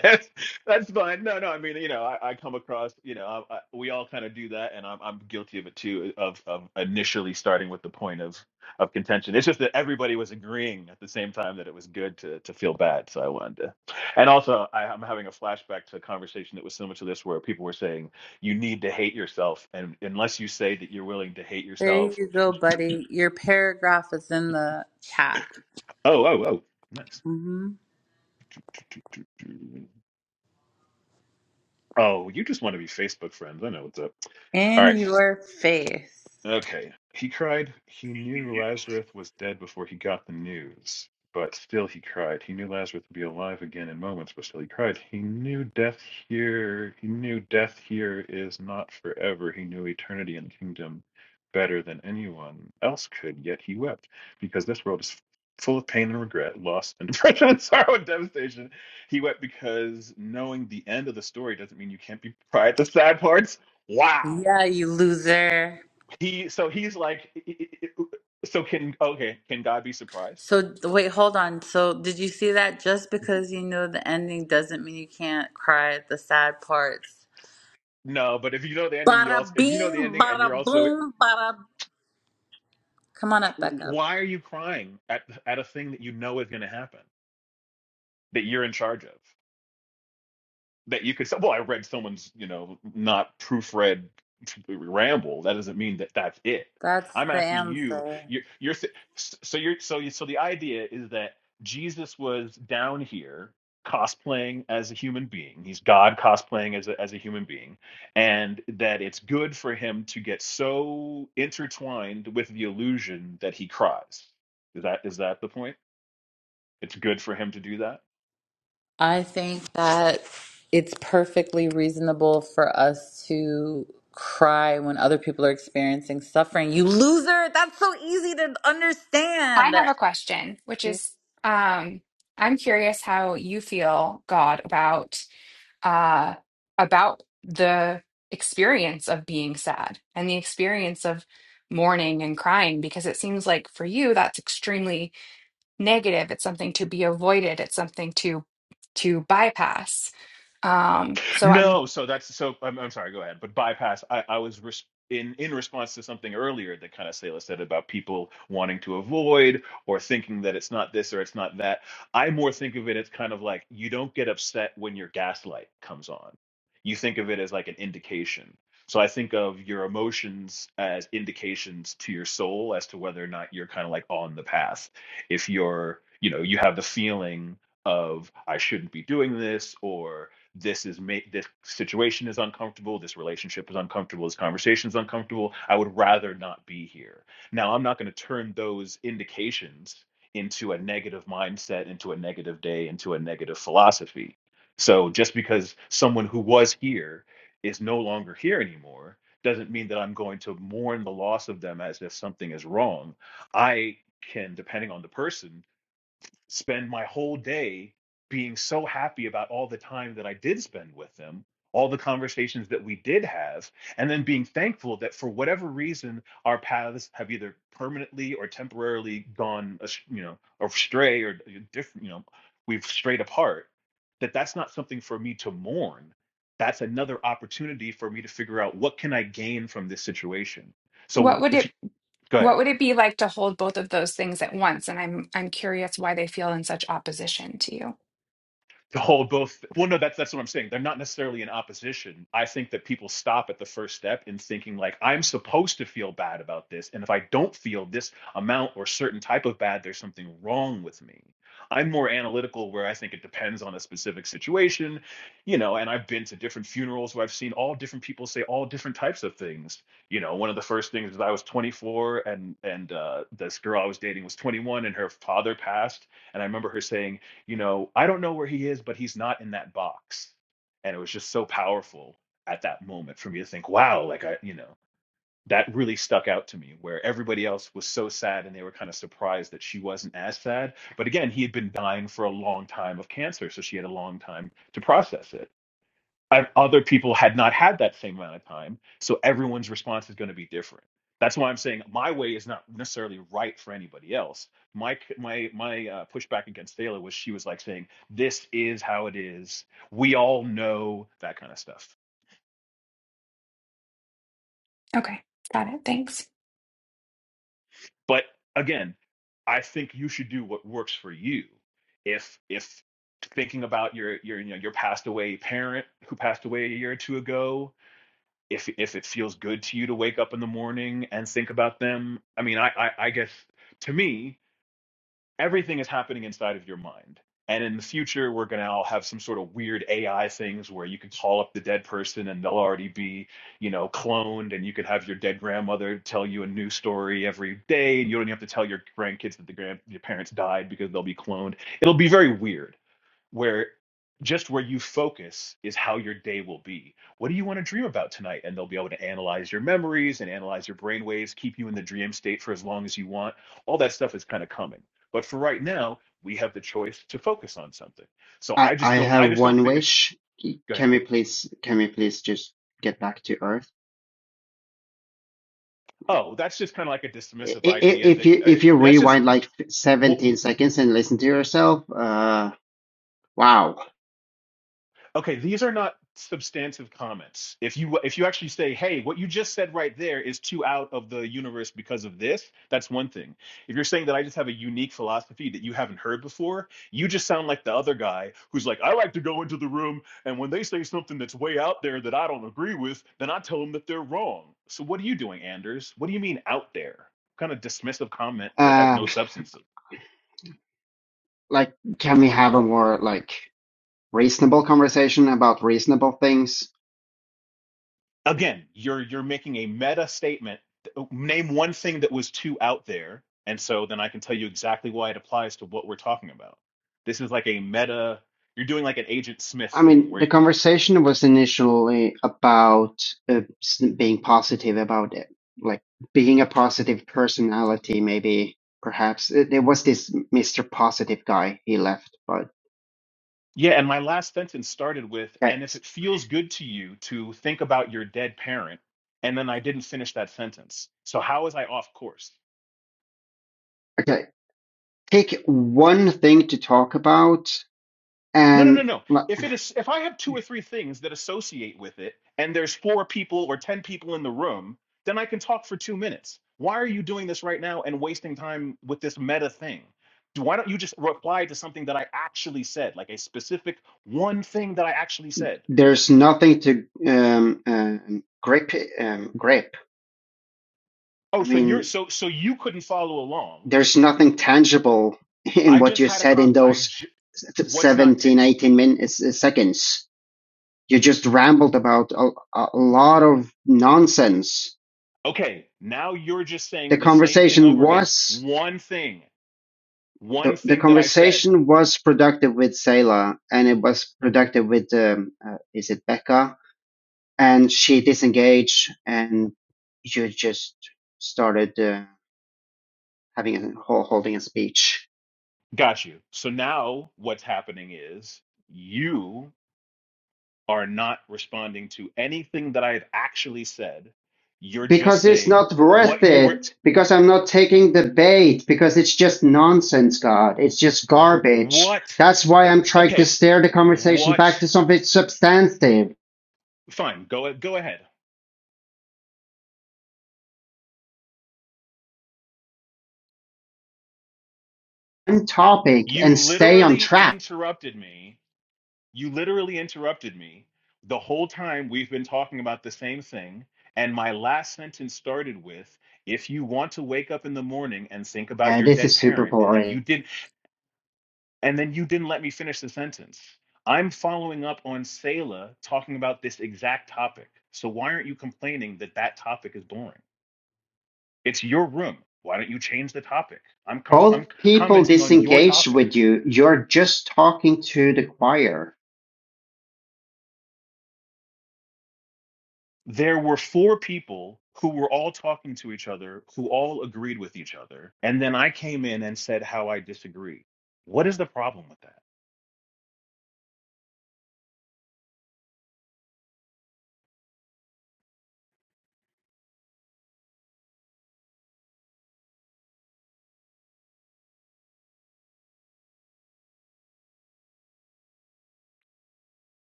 [SPEAKER 6] That's that's fine. No, no. I mean, you know, I, I come across, you know, I, I, we all kind of do that, and I'm I'm guilty of it too. uh, Of of initially starting with the point of of contention. It's just that everybody was agreeing at the same time that it was good to to feel bad. So I wanted to, and also I, I'm having a flashback to a conversation that was similar to this, where people were saying you need to hate yourself, and unless you say that you're willing to hate
[SPEAKER 2] There
[SPEAKER 6] yourself,
[SPEAKER 2] you go, buddy. Your paragraph is in the chat.
[SPEAKER 6] oh oh oh, nice.
[SPEAKER 2] hmm
[SPEAKER 6] Oh, you just want to be Facebook friends. I know what's up. All right.
[SPEAKER 2] In your face.
[SPEAKER 6] Okay. He cried. He knew Lazarus was dead before he got the news, but still he cried. He knew Lazarus would be alive again in moments, but still he cried. He knew death here. He knew death here is not forever. He knew eternity and the kingdom better than anyone else could, yet he wept because this world is full of pain and regret, loss and depression and sorrow and devastation. He wept because knowing the end of the story doesn't mean you can't be proud at the sad parts. Wow
[SPEAKER 2] Yeah, you loser.
[SPEAKER 6] he so he's like so can okay can god be surprised
[SPEAKER 2] So wait, hold on. So did you see that? Just because you know the ending doesn't mean you can't cry at the sad parts.
[SPEAKER 6] no but if you know the ending you also
[SPEAKER 2] Bada
[SPEAKER 6] if you know the
[SPEAKER 2] bing,
[SPEAKER 6] ending and you're
[SPEAKER 2] bada
[SPEAKER 6] also
[SPEAKER 2] boom, bada. Come on up, Becca.
[SPEAKER 6] why are you crying at at a thing that you know is going to happen that you're in charge of that you could say, well, I read someone's, you know, not proofread ramble. That doesn't mean that that's it.
[SPEAKER 2] That's
[SPEAKER 6] I'm
[SPEAKER 2] the
[SPEAKER 6] asking you,
[SPEAKER 2] answer.
[SPEAKER 6] you're, you're so you're so you so the idea is that Jesus was down here cosplaying as a human being. He's God cosplaying as a, as a human being, and that it's good for him to get so intertwined with the illusion that he cries. Is that is that the point? It's good for him to do that.
[SPEAKER 2] I think that it's perfectly reasonable for us to cry when other people are experiencing suffering. You loser! That's so easy to
[SPEAKER 9] I
[SPEAKER 2] understand.
[SPEAKER 9] have a question, which
[SPEAKER 2] You're-
[SPEAKER 9] is um, I'm curious how you feel, God, about uh, about the experience of being sad and the experience of mourning and crying, because it seems like for you that's extremely negative. It's something to be avoided. It's something to to bypass. Um, so I'm
[SPEAKER 6] No, so that's so I'm, I'm sorry, go ahead. But bypass, I, I was res in in response to something earlier that kind of Selah said about people wanting to avoid or thinking that it's not this or it's not that. I more think of it as kind of like you don't get upset when your gaslight comes on. You think of it as like an indication. So I think of your emotions as indications to your soul as to whether or not you're kind of like on the path. If you're, you know, you have the feeling of I shouldn't be doing this or this is ma- this situation is uncomfortable this relationship is uncomfortable this conversation is uncomfortable i would rather not be here now i'm not going to turn those indications into a negative mindset into a negative day into a negative philosophy so just because someone who was here is no longer here anymore doesn't mean that i'm going to mourn the loss of them as if something is wrong i can depending on the person spend my whole day being so happy about all the time that I did spend with them, all the conversations that we did have, and then being thankful that for whatever reason our paths have either permanently or temporarily gone, as- you know, astray or different, you know, we've strayed apart. That that's not something for me to mourn. That's another opportunity for me to figure out what can I gain from this situation.
[SPEAKER 9] what
[SPEAKER 6] So
[SPEAKER 9] would
[SPEAKER 6] if
[SPEAKER 9] it
[SPEAKER 6] you, go ahead.
[SPEAKER 9] what would it be like to hold both of those things at once? And I'm I'm curious why they feel in such opposition to you.
[SPEAKER 6] to hold both well no that's that's what i'm saying they're not necessarily in opposition i think that people stop at the first step in thinking like i'm supposed to feel bad about this and if i don't feel this amount or certain type of bad there's something wrong with me i'm more analytical where i think it depends on a specific situation you know and i've been to different funerals where i've seen all different people say all different types of things you know one of the first things is i was 24 and and uh, this girl i was dating was 21 and her father passed and i remember her saying you know, I don't know where he is, but he's not in that box. And it was just so powerful at that moment for me to think, wow, like I, you know, that really stuck out to me where everybody else was so sad and they were kind of surprised that she wasn't as sad. But again, he had been dying for a long time of cancer. So she had a long time to process it other people had not had that same amount of time. So everyone's response is going to be different. That's why I'm saying my way is not necessarily right for anybody else. My my my uh, pushback against Thaler was she was like saying this is how it is. We all know that kind of stuff.
[SPEAKER 9] Okay, got it. Thanks.
[SPEAKER 6] But again, I think you should do what works for you. If if thinking about your your you know your passed away parent who passed away a year or two ago, if if it feels good to you to wake up in the morning and think about them i mean i i, I guess to me everything is happening inside of your mind and in the future we're going to all have some sort of weird ai things where you can call up the dead person and they'll already be you know cloned and you could have your dead grandmother tell you a new story every day and you don't have to tell your grandkids that the grand your parents died because they'll be cloned it'll be very weird where just where you focus is how your day will be. What do you want to dream about tonight? And they'll be able to analyze your memories and analyze your brain waves, keep you in the dream state for as long as you want. All that stuff is kind of coming. But for right now, we have the choice to focus on something. So
[SPEAKER 4] I
[SPEAKER 6] I just
[SPEAKER 4] I
[SPEAKER 6] don't I
[SPEAKER 4] have
[SPEAKER 6] just don't
[SPEAKER 4] one
[SPEAKER 6] think it's
[SPEAKER 4] wish.
[SPEAKER 6] go ahead.
[SPEAKER 4] Can we please can we please just get back to Earth? Like.
[SPEAKER 6] Oh, that's just kind of like a
[SPEAKER 4] I-
[SPEAKER 6] dismissive
[SPEAKER 4] i-
[SPEAKER 6] idea that
[SPEAKER 4] If you
[SPEAKER 6] uh,
[SPEAKER 4] if you
[SPEAKER 6] that's just
[SPEAKER 4] rewind like
[SPEAKER 6] what
[SPEAKER 4] 17 seconds and listen to yourself, uh, wow.
[SPEAKER 6] okay these are not substantive comments if you if you actually say hey what you just said right there is too out of the universe because of this that's one thing if you're saying that i just have a unique philosophy that you haven't heard before you just sound like the other guy who's like i like to go into the room and when they say something that's way out there that i don't agree with then i tell them that they're wrong so what are you doing anders what do you mean out there What kind of dismissive comment that has
[SPEAKER 4] Uh,
[SPEAKER 6] no substance
[SPEAKER 4] like, can we have a more like reasonable conversation about reasonable things?
[SPEAKER 6] again you're you're making a meta statement name one thing that was too out there and so then i can tell you exactly why it applies to what we're talking about this is like a meta you're doing like an agent smith
[SPEAKER 4] I
[SPEAKER 6] thing
[SPEAKER 4] mean,
[SPEAKER 6] where
[SPEAKER 4] the
[SPEAKER 6] you,
[SPEAKER 4] conversation was initially about uh, s- being positive about it, like being a positive personality, maybe perhaps. Uh, There was this Mr. Positive guy, he left, but
[SPEAKER 6] yeah and my last sentence started with
[SPEAKER 4] okay,
[SPEAKER 6] and if it feels good to you to think about your dead parent and then i didn't finish that sentence so how was i off course
[SPEAKER 4] okay. Pick one thing to talk about
[SPEAKER 6] No, no, no,
[SPEAKER 4] and
[SPEAKER 6] no. If it is, if I have two or three things that associate with it, and there's four people or ten people in the room, then I can talk for two minutes. Why are you doing this right now and wasting time with this meta thing? D- Why don't you just reply to something that I actually said, like a specific one thing that I actually said?
[SPEAKER 4] there's nothing to um, um, grip. Um, grip.
[SPEAKER 6] Oh,
[SPEAKER 4] I
[SPEAKER 6] so you're
[SPEAKER 4] mean,
[SPEAKER 6] so so you couldn't follow along.
[SPEAKER 4] there's nothing tangible in
[SPEAKER 6] I
[SPEAKER 4] what
[SPEAKER 6] just
[SPEAKER 4] you
[SPEAKER 6] had a
[SPEAKER 4] said
[SPEAKER 6] con.
[SPEAKER 4] in
[SPEAKER 6] I
[SPEAKER 4] those
[SPEAKER 6] j- what's not ta-
[SPEAKER 4] 17, 18 minutes, uh, seconds. You just rambled about a, a lot of nonsense.
[SPEAKER 6] okay? Now you're just
[SPEAKER 4] The
[SPEAKER 6] saying the same thing
[SPEAKER 4] conversation
[SPEAKER 6] over again.
[SPEAKER 4] was
[SPEAKER 6] One thing, one
[SPEAKER 4] the, the
[SPEAKER 6] thing that I said.
[SPEAKER 4] conversation was productive with Selah, and it was productive with um, uh, is it Becca? And she disengaged, and you just started. uh, having ho- holding a speech
[SPEAKER 6] Got you. So now what's happening is you are not responding to anything that I have actually said. You're just
[SPEAKER 4] because it's
[SPEAKER 6] saying
[SPEAKER 4] not worth
[SPEAKER 6] what you were,
[SPEAKER 4] it because i'm not taking the bait because it's just nonsense god it's just garbage
[SPEAKER 6] what,
[SPEAKER 4] that's why i'm trying to
[SPEAKER 6] okay,
[SPEAKER 4] steer the conversation
[SPEAKER 6] what,
[SPEAKER 4] back to something substantive
[SPEAKER 6] fine, go, go ahead.
[SPEAKER 4] and topic
[SPEAKER 6] You
[SPEAKER 4] and stay on
[SPEAKER 6] literally
[SPEAKER 4] track
[SPEAKER 6] interrupted me. You literally interrupted me the whole time we've been talking about the same thing. And my last sentence started with, if you want to wake up in the morning and think about
[SPEAKER 4] yeah
[SPEAKER 6] your
[SPEAKER 4] this
[SPEAKER 6] dead
[SPEAKER 4] is super
[SPEAKER 6] parent, and then
[SPEAKER 4] boring
[SPEAKER 6] you did And then you didn't let me finish the sentence. I'm following up on Selah talking about this exact topic. So why aren't you complaining that that topic is boring? It's your room. Why don't you change the topic? I'm com-
[SPEAKER 4] both
[SPEAKER 6] I'm
[SPEAKER 4] people
[SPEAKER 6] commenting on your
[SPEAKER 4] disengage
[SPEAKER 6] topic.
[SPEAKER 4] with you you're just talking to the choir
[SPEAKER 6] There were four people who were all talking to each other, who all agreed with each other, and then I came in and said how I disagree. What is the problem with that?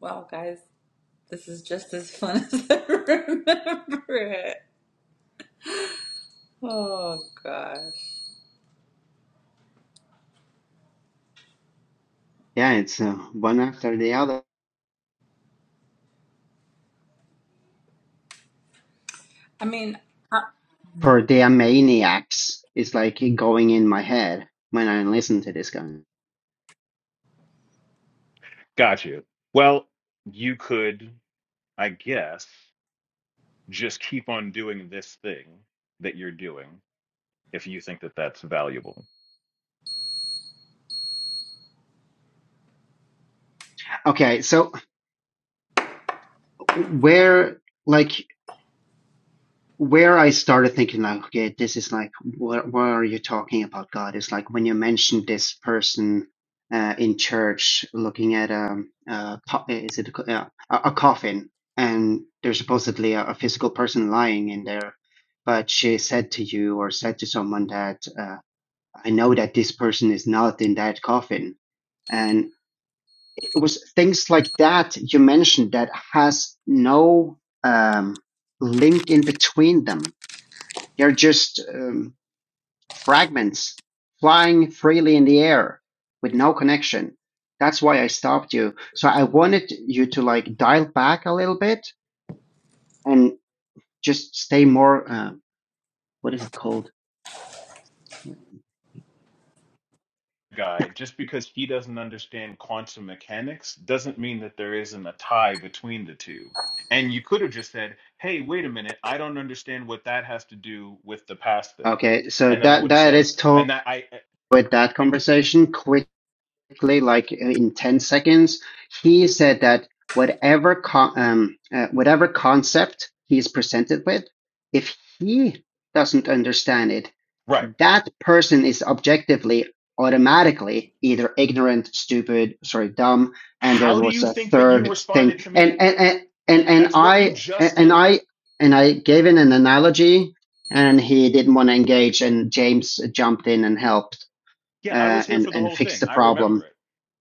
[SPEAKER 2] Wow, guys, this is just as fun as I remember it. Oh gosh.
[SPEAKER 4] yeah it's uh, one after the other
[SPEAKER 2] I mean, I,
[SPEAKER 4] for the maniacs it's like going in my head when i listen to this guy
[SPEAKER 6] Gotcha. Well, you could, I guess. just keep on doing this thing that you're doing if you think that that's valuable.
[SPEAKER 4] Okay, so where like where I started thinking like, okay, this is like what what are you talking about, God? Is like when you mentioned this person uh, in church looking at um uh co- is it a, co- yeah, a, a coffin and there's supposedly a, a physical person lying in there, but she said to you or said to someone that uh, I know that this person is not in that coffin, and. it was things like that you mentioned that has no um, link in between them. They're just um, fragments flying freely in the air with no connection. That's why I stopped you. So I wanted you to like dial back a little bit and just stay more. Uh, what is it called?
[SPEAKER 6] Guy, just because he doesn't understand quantum mechanics doesn't mean that there isn't a tie between the two. And you could have just said, hey, wait a minute, I don't understand what that has to do with the past thing.
[SPEAKER 4] Okay, so
[SPEAKER 6] And then I
[SPEAKER 4] that
[SPEAKER 6] would have
[SPEAKER 4] that
[SPEAKER 6] said,
[SPEAKER 4] is
[SPEAKER 6] and
[SPEAKER 4] totally
[SPEAKER 6] that I, eh,
[SPEAKER 4] with that conversation. Quick quickly, like uh, in 10 seconds, he said that whatever con- um, uh, whatever concept he is presented with, if he doesn't understand it,
[SPEAKER 6] right.
[SPEAKER 4] that person is objectively automatically either ignorant, stupid, sorry, dumb, and there
[SPEAKER 6] How do
[SPEAKER 4] was
[SPEAKER 6] you
[SPEAKER 4] a
[SPEAKER 6] think that you
[SPEAKER 4] third
[SPEAKER 6] responded
[SPEAKER 4] thing.
[SPEAKER 6] to
[SPEAKER 4] And
[SPEAKER 6] me?
[SPEAKER 4] and and and, and
[SPEAKER 6] That's what you
[SPEAKER 4] I
[SPEAKER 6] just
[SPEAKER 4] and
[SPEAKER 6] did.
[SPEAKER 4] I and I gave in an analogy and he didn't want to engage and James jumped in and helped
[SPEAKER 6] Yeah, I
[SPEAKER 4] uh,
[SPEAKER 6] was here
[SPEAKER 4] and
[SPEAKER 6] for the
[SPEAKER 4] and
[SPEAKER 6] whole
[SPEAKER 4] fixed
[SPEAKER 6] thing.
[SPEAKER 4] the
[SPEAKER 6] I
[SPEAKER 4] problem
[SPEAKER 6] remember it.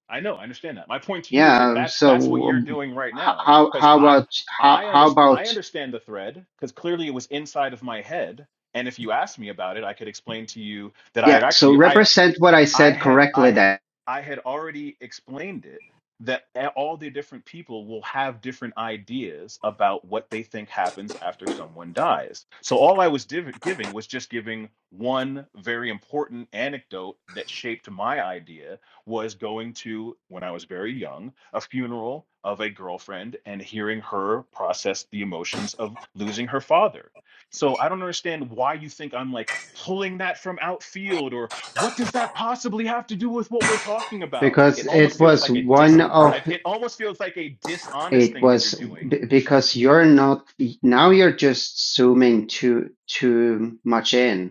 [SPEAKER 6] I know, I understand that. My point to you is
[SPEAKER 4] yeah
[SPEAKER 6] that
[SPEAKER 4] um,
[SPEAKER 6] that's that's what
[SPEAKER 4] so
[SPEAKER 6] you're
[SPEAKER 4] um,
[SPEAKER 6] doing right
[SPEAKER 4] h-
[SPEAKER 6] now
[SPEAKER 4] how
[SPEAKER 6] because
[SPEAKER 4] how
[SPEAKER 6] I
[SPEAKER 4] about how
[SPEAKER 6] I
[SPEAKER 4] how
[SPEAKER 6] underst-
[SPEAKER 4] about
[SPEAKER 6] I understand the thread because clearly it was inside of my head. And if you asked me about it, I could explain to you that I had
[SPEAKER 4] yeah so
[SPEAKER 6] actually I
[SPEAKER 4] represent what i
[SPEAKER 6] I
[SPEAKER 4] said
[SPEAKER 6] had
[SPEAKER 4] correctly
[SPEAKER 6] I
[SPEAKER 4] then
[SPEAKER 6] I had already explained it that all the different people will have different ideas about what they think happens after someone dies. So all I was div- giving was just giving one very important anecdote that shaped my idea was going to when I was very young a funeral of a girlfriend and hearing her process the emotions of losing her father. So I don't understand why you think I'm like pulling that from outfield or what does that possibly have to do with what we're talking about? It
[SPEAKER 4] because
[SPEAKER 6] almost
[SPEAKER 4] it
[SPEAKER 6] feels
[SPEAKER 4] was
[SPEAKER 6] like a dis
[SPEAKER 4] one of
[SPEAKER 6] it almost feels like a dishonest
[SPEAKER 4] it
[SPEAKER 6] thing that you're
[SPEAKER 4] was
[SPEAKER 6] doing
[SPEAKER 4] b- because you're not now you're just zooming too too much in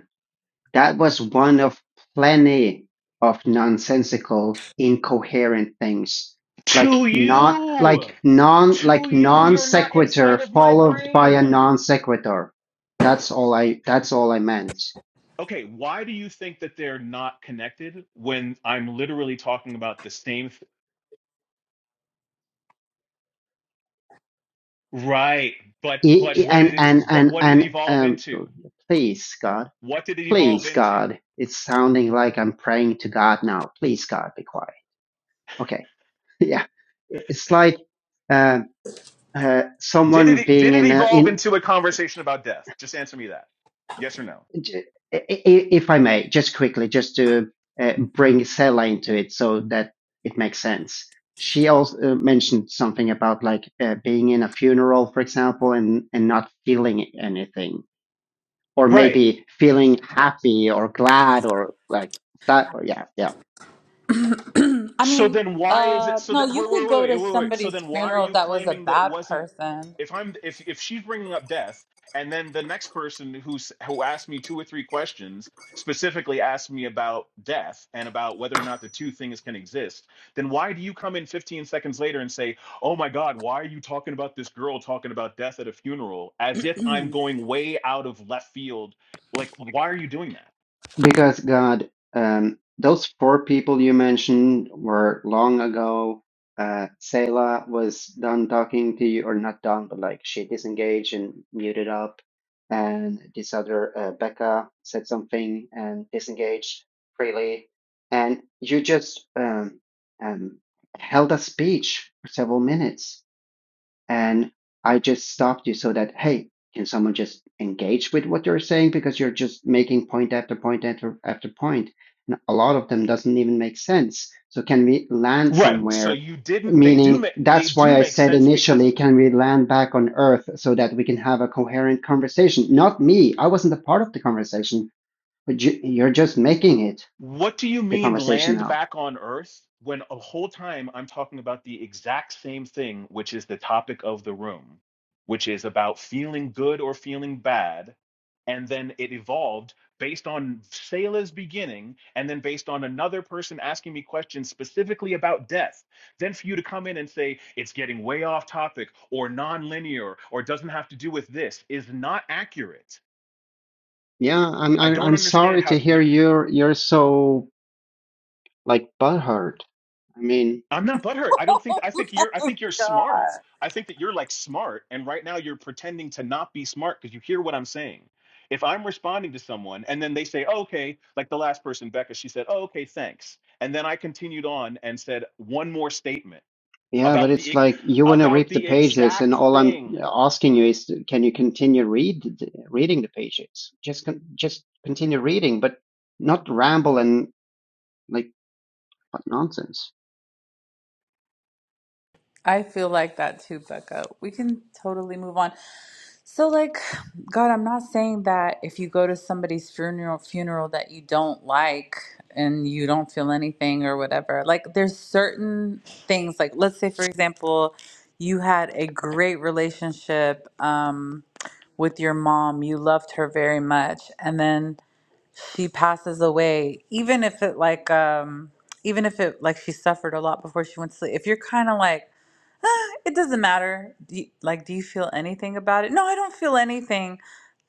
[SPEAKER 4] That was one of plenty of nonsensical, incoherent things. Like
[SPEAKER 6] to
[SPEAKER 4] non
[SPEAKER 6] you.
[SPEAKER 4] like non
[SPEAKER 6] To
[SPEAKER 4] like
[SPEAKER 6] you,
[SPEAKER 4] non
[SPEAKER 6] you're not
[SPEAKER 4] sequitur
[SPEAKER 6] inside of my
[SPEAKER 4] followed by a
[SPEAKER 6] brain.
[SPEAKER 4] non sequitur. That's all I that's all I meant.
[SPEAKER 6] Okay, why do you think that they're not connected when I'm literally talking about the same th- right, but
[SPEAKER 4] I-
[SPEAKER 6] but
[SPEAKER 4] I-
[SPEAKER 6] what did
[SPEAKER 4] and
[SPEAKER 6] it
[SPEAKER 4] and
[SPEAKER 6] but
[SPEAKER 4] and
[SPEAKER 6] what did it
[SPEAKER 4] and
[SPEAKER 6] evolve
[SPEAKER 4] um
[SPEAKER 6] into?
[SPEAKER 4] please God,
[SPEAKER 6] What did it evolve
[SPEAKER 4] please
[SPEAKER 6] into?
[SPEAKER 4] God. It's sounding like I'm praying to God now. Please God, be quiet. Okay. Yeah. It's like uh, uh,
[SPEAKER 6] Did
[SPEAKER 4] someone
[SPEAKER 6] it
[SPEAKER 4] being
[SPEAKER 6] did it
[SPEAKER 4] in a
[SPEAKER 6] evolve
[SPEAKER 4] in
[SPEAKER 6] into a conversation about death? Just answer me that. Yes or no?
[SPEAKER 4] J- i- i- If I may, just quickly, just to uh, bring Sela into it so that it makes sense. She also uh, mentioned something about like uh, being in a funeral, for example, and, and not feeling anything, or
[SPEAKER 6] Right.
[SPEAKER 4] maybe feeling happy or glad or like that. Yeah, yeah.
[SPEAKER 2] I
[SPEAKER 6] So
[SPEAKER 2] mean,
[SPEAKER 6] then why is it
[SPEAKER 2] uh,
[SPEAKER 6] so
[SPEAKER 2] no,
[SPEAKER 6] that
[SPEAKER 2] you
[SPEAKER 6] wait,
[SPEAKER 2] could
[SPEAKER 6] wait, wait,
[SPEAKER 2] go
[SPEAKER 6] wait,
[SPEAKER 2] to
[SPEAKER 6] wait, wait. So
[SPEAKER 2] somebody's
[SPEAKER 6] then why are
[SPEAKER 2] funeral
[SPEAKER 6] you
[SPEAKER 2] that was a
[SPEAKER 6] claiming that it
[SPEAKER 2] bad
[SPEAKER 6] wasn't
[SPEAKER 2] person.
[SPEAKER 6] if I'm if if she's bringing up death and then the next person who's who asked me two or three questions specifically asked me about death and about whether or not the two things can exist, then why do you come in 15 seconds later and say, "Oh my god, why are you talking about this girl talking about death at a funeral?" as if I'm going way out of left field. Like why are you doing that?
[SPEAKER 4] Because God, um, those four people you mentioned were long ago. Uh, Selah was done talking to you, or not done, but like she disengaged and muted up. And this other, uh, Becca, said something and disengaged freely. And you just um, um, held a speech for several minutes and I just stopped you so that hey, can someone just engage with what you're saying because you're just making point after point after after point, and a lot of them doesn't even make sense. So can we land
[SPEAKER 6] Right. So
[SPEAKER 4] somewhere?
[SPEAKER 6] you didn't they do
[SPEAKER 4] Meaning
[SPEAKER 6] make they
[SPEAKER 4] that's
[SPEAKER 6] do
[SPEAKER 4] why I
[SPEAKER 6] make
[SPEAKER 4] said
[SPEAKER 6] sense because
[SPEAKER 4] initially, can we land back on Earth so that we can have a coherent conversation? Not me, I wasn't a part of the conversation, but you, you're just making it
[SPEAKER 6] What do you
[SPEAKER 4] the
[SPEAKER 6] mean
[SPEAKER 4] conversation
[SPEAKER 6] land
[SPEAKER 4] now.
[SPEAKER 6] back on Earth when a whole time I'm talking about the exact same thing, which is the topic of the room, which is about feeling good or feeling bad. And then it evolved based on Selah's beginning, and then based on another person asking me questions specifically about death. Then for you to come in and say it's getting way off topic or nonlinear or doesn't have to do with this is not accurate.
[SPEAKER 4] Yeah, I'm
[SPEAKER 6] I
[SPEAKER 4] I'm,
[SPEAKER 6] don't
[SPEAKER 4] I'm
[SPEAKER 6] understand
[SPEAKER 4] sorry
[SPEAKER 6] how.
[SPEAKER 4] to hear
[SPEAKER 6] you.
[SPEAKER 4] you're you're so like butthurt. I mean.
[SPEAKER 6] I'm not butthurt. I don't think
[SPEAKER 2] Oh
[SPEAKER 6] I think you're I
[SPEAKER 2] my
[SPEAKER 6] think you're
[SPEAKER 2] god.
[SPEAKER 6] smart. I think that you're like smart and right now you're pretending to not be smart because you hear what I'm saying. If I'm responding to someone and then they say, oh, okay, like the last person, Becca, she said, oh, okay, thanks. And then I continued on and said one more statement
[SPEAKER 4] Yeah, but
[SPEAKER 6] about the
[SPEAKER 4] it's
[SPEAKER 6] ig-
[SPEAKER 4] like you want to
[SPEAKER 6] about
[SPEAKER 4] rip the
[SPEAKER 6] the
[SPEAKER 4] pages, and
[SPEAKER 6] exact
[SPEAKER 4] all I'm
[SPEAKER 6] thing.
[SPEAKER 4] asking you is, can you continue read reading the pages? Just con just continue reading, but not ramble and like what nonsense.
[SPEAKER 2] I feel like that too, Becca. We can totally move on. So like God, I'm not saying that if you go to somebody's funeral funeral that you don't like and you don't feel anything or whatever. Like there's certain things like let's say for example, you had a great relationship um with your mom, you loved her very much and then she passes away even if it like um even if it like she suffered a lot before she went to sleep. If you're kind of like it doesn't matter. Do you, like, do you feel anything about it? No, I don't feel anything.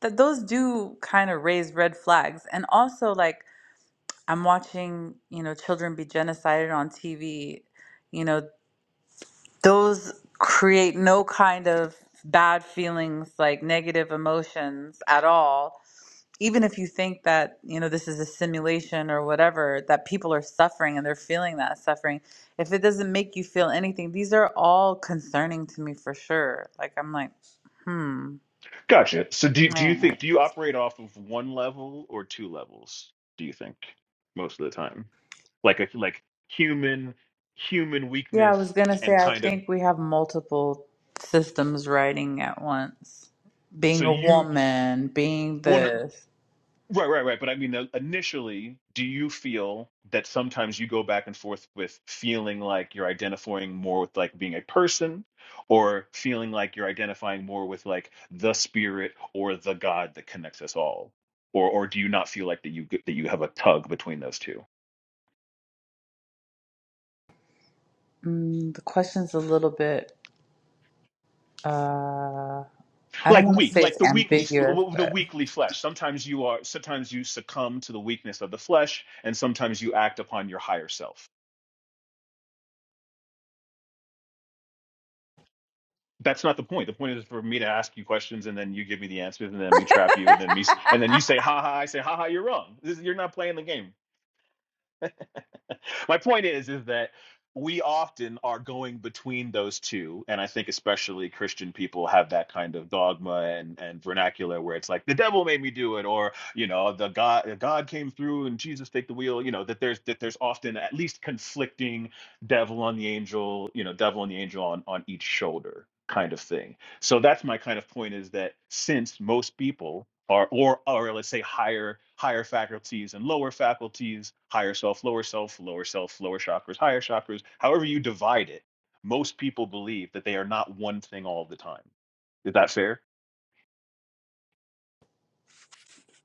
[SPEAKER 2] That those do kind of raise red flags. And also, like, I'm watching, you know, children be genocided on TV. You know, those create no kind of bad feelings, like negative emotions at all even if you think that you know this is a simulation or whatever that people are suffering and they're feeling that suffering if it doesn't make you feel anything these are all concerning to me for sure like i'm like hmm
[SPEAKER 6] Gotcha. So do do you
[SPEAKER 2] yeah,
[SPEAKER 6] think do you operate off of one level or two levels, do you think, most of the time? Like a like human human
[SPEAKER 2] yeah i was
[SPEAKER 6] weakness
[SPEAKER 2] gonna say
[SPEAKER 6] and
[SPEAKER 2] i
[SPEAKER 6] kind of
[SPEAKER 2] think we have multiple systems writing at once
[SPEAKER 6] so
[SPEAKER 2] being a
[SPEAKER 6] you
[SPEAKER 2] woman being
[SPEAKER 6] one
[SPEAKER 2] this
[SPEAKER 6] Right, right, right. But I mean, uh, initially, do you feel that sometimes you go back and forth with feeling like you're identifying more with like being a person or feeling like you're identifying more with like the spirit or the God that connects us all? Or or do you not feel like that you g- that you have a tug between those two?
[SPEAKER 2] mm, the question's a little bit uh i don't
[SPEAKER 6] Like
[SPEAKER 2] want to
[SPEAKER 6] weak,
[SPEAKER 2] say it's
[SPEAKER 6] like the weekly f-
[SPEAKER 2] ambiguous
[SPEAKER 6] w- the
[SPEAKER 2] but
[SPEAKER 6] weekly flesh. Sometimes you are sometimes you succumb to the weakness of the flesh and sometimes you act upon your higher self. That's not the point. The point is for me to ask you questions and then you give me the answers and then me trap you and then me and then you say ha ha I say ha ha you're wrong. This, you're not playing the game. My point is is that we often are going between those two and I think especially Christian people have that kind of dogma and and vernacular where it's like the devil made me do it or you know the God God came through and Jesus take the wheel, you know that there's that there's often at least conflicting devil on the angel, you know, devil and the angel on on each shoulder kind of thing so that's my kind of point is that since most people are or or let's say higher higher faculties and lower faculties, higher self, lower self, lower self, lower chakras, higher chakras, however you divide it, most people believe that they are not one thing all the time. Is that fair?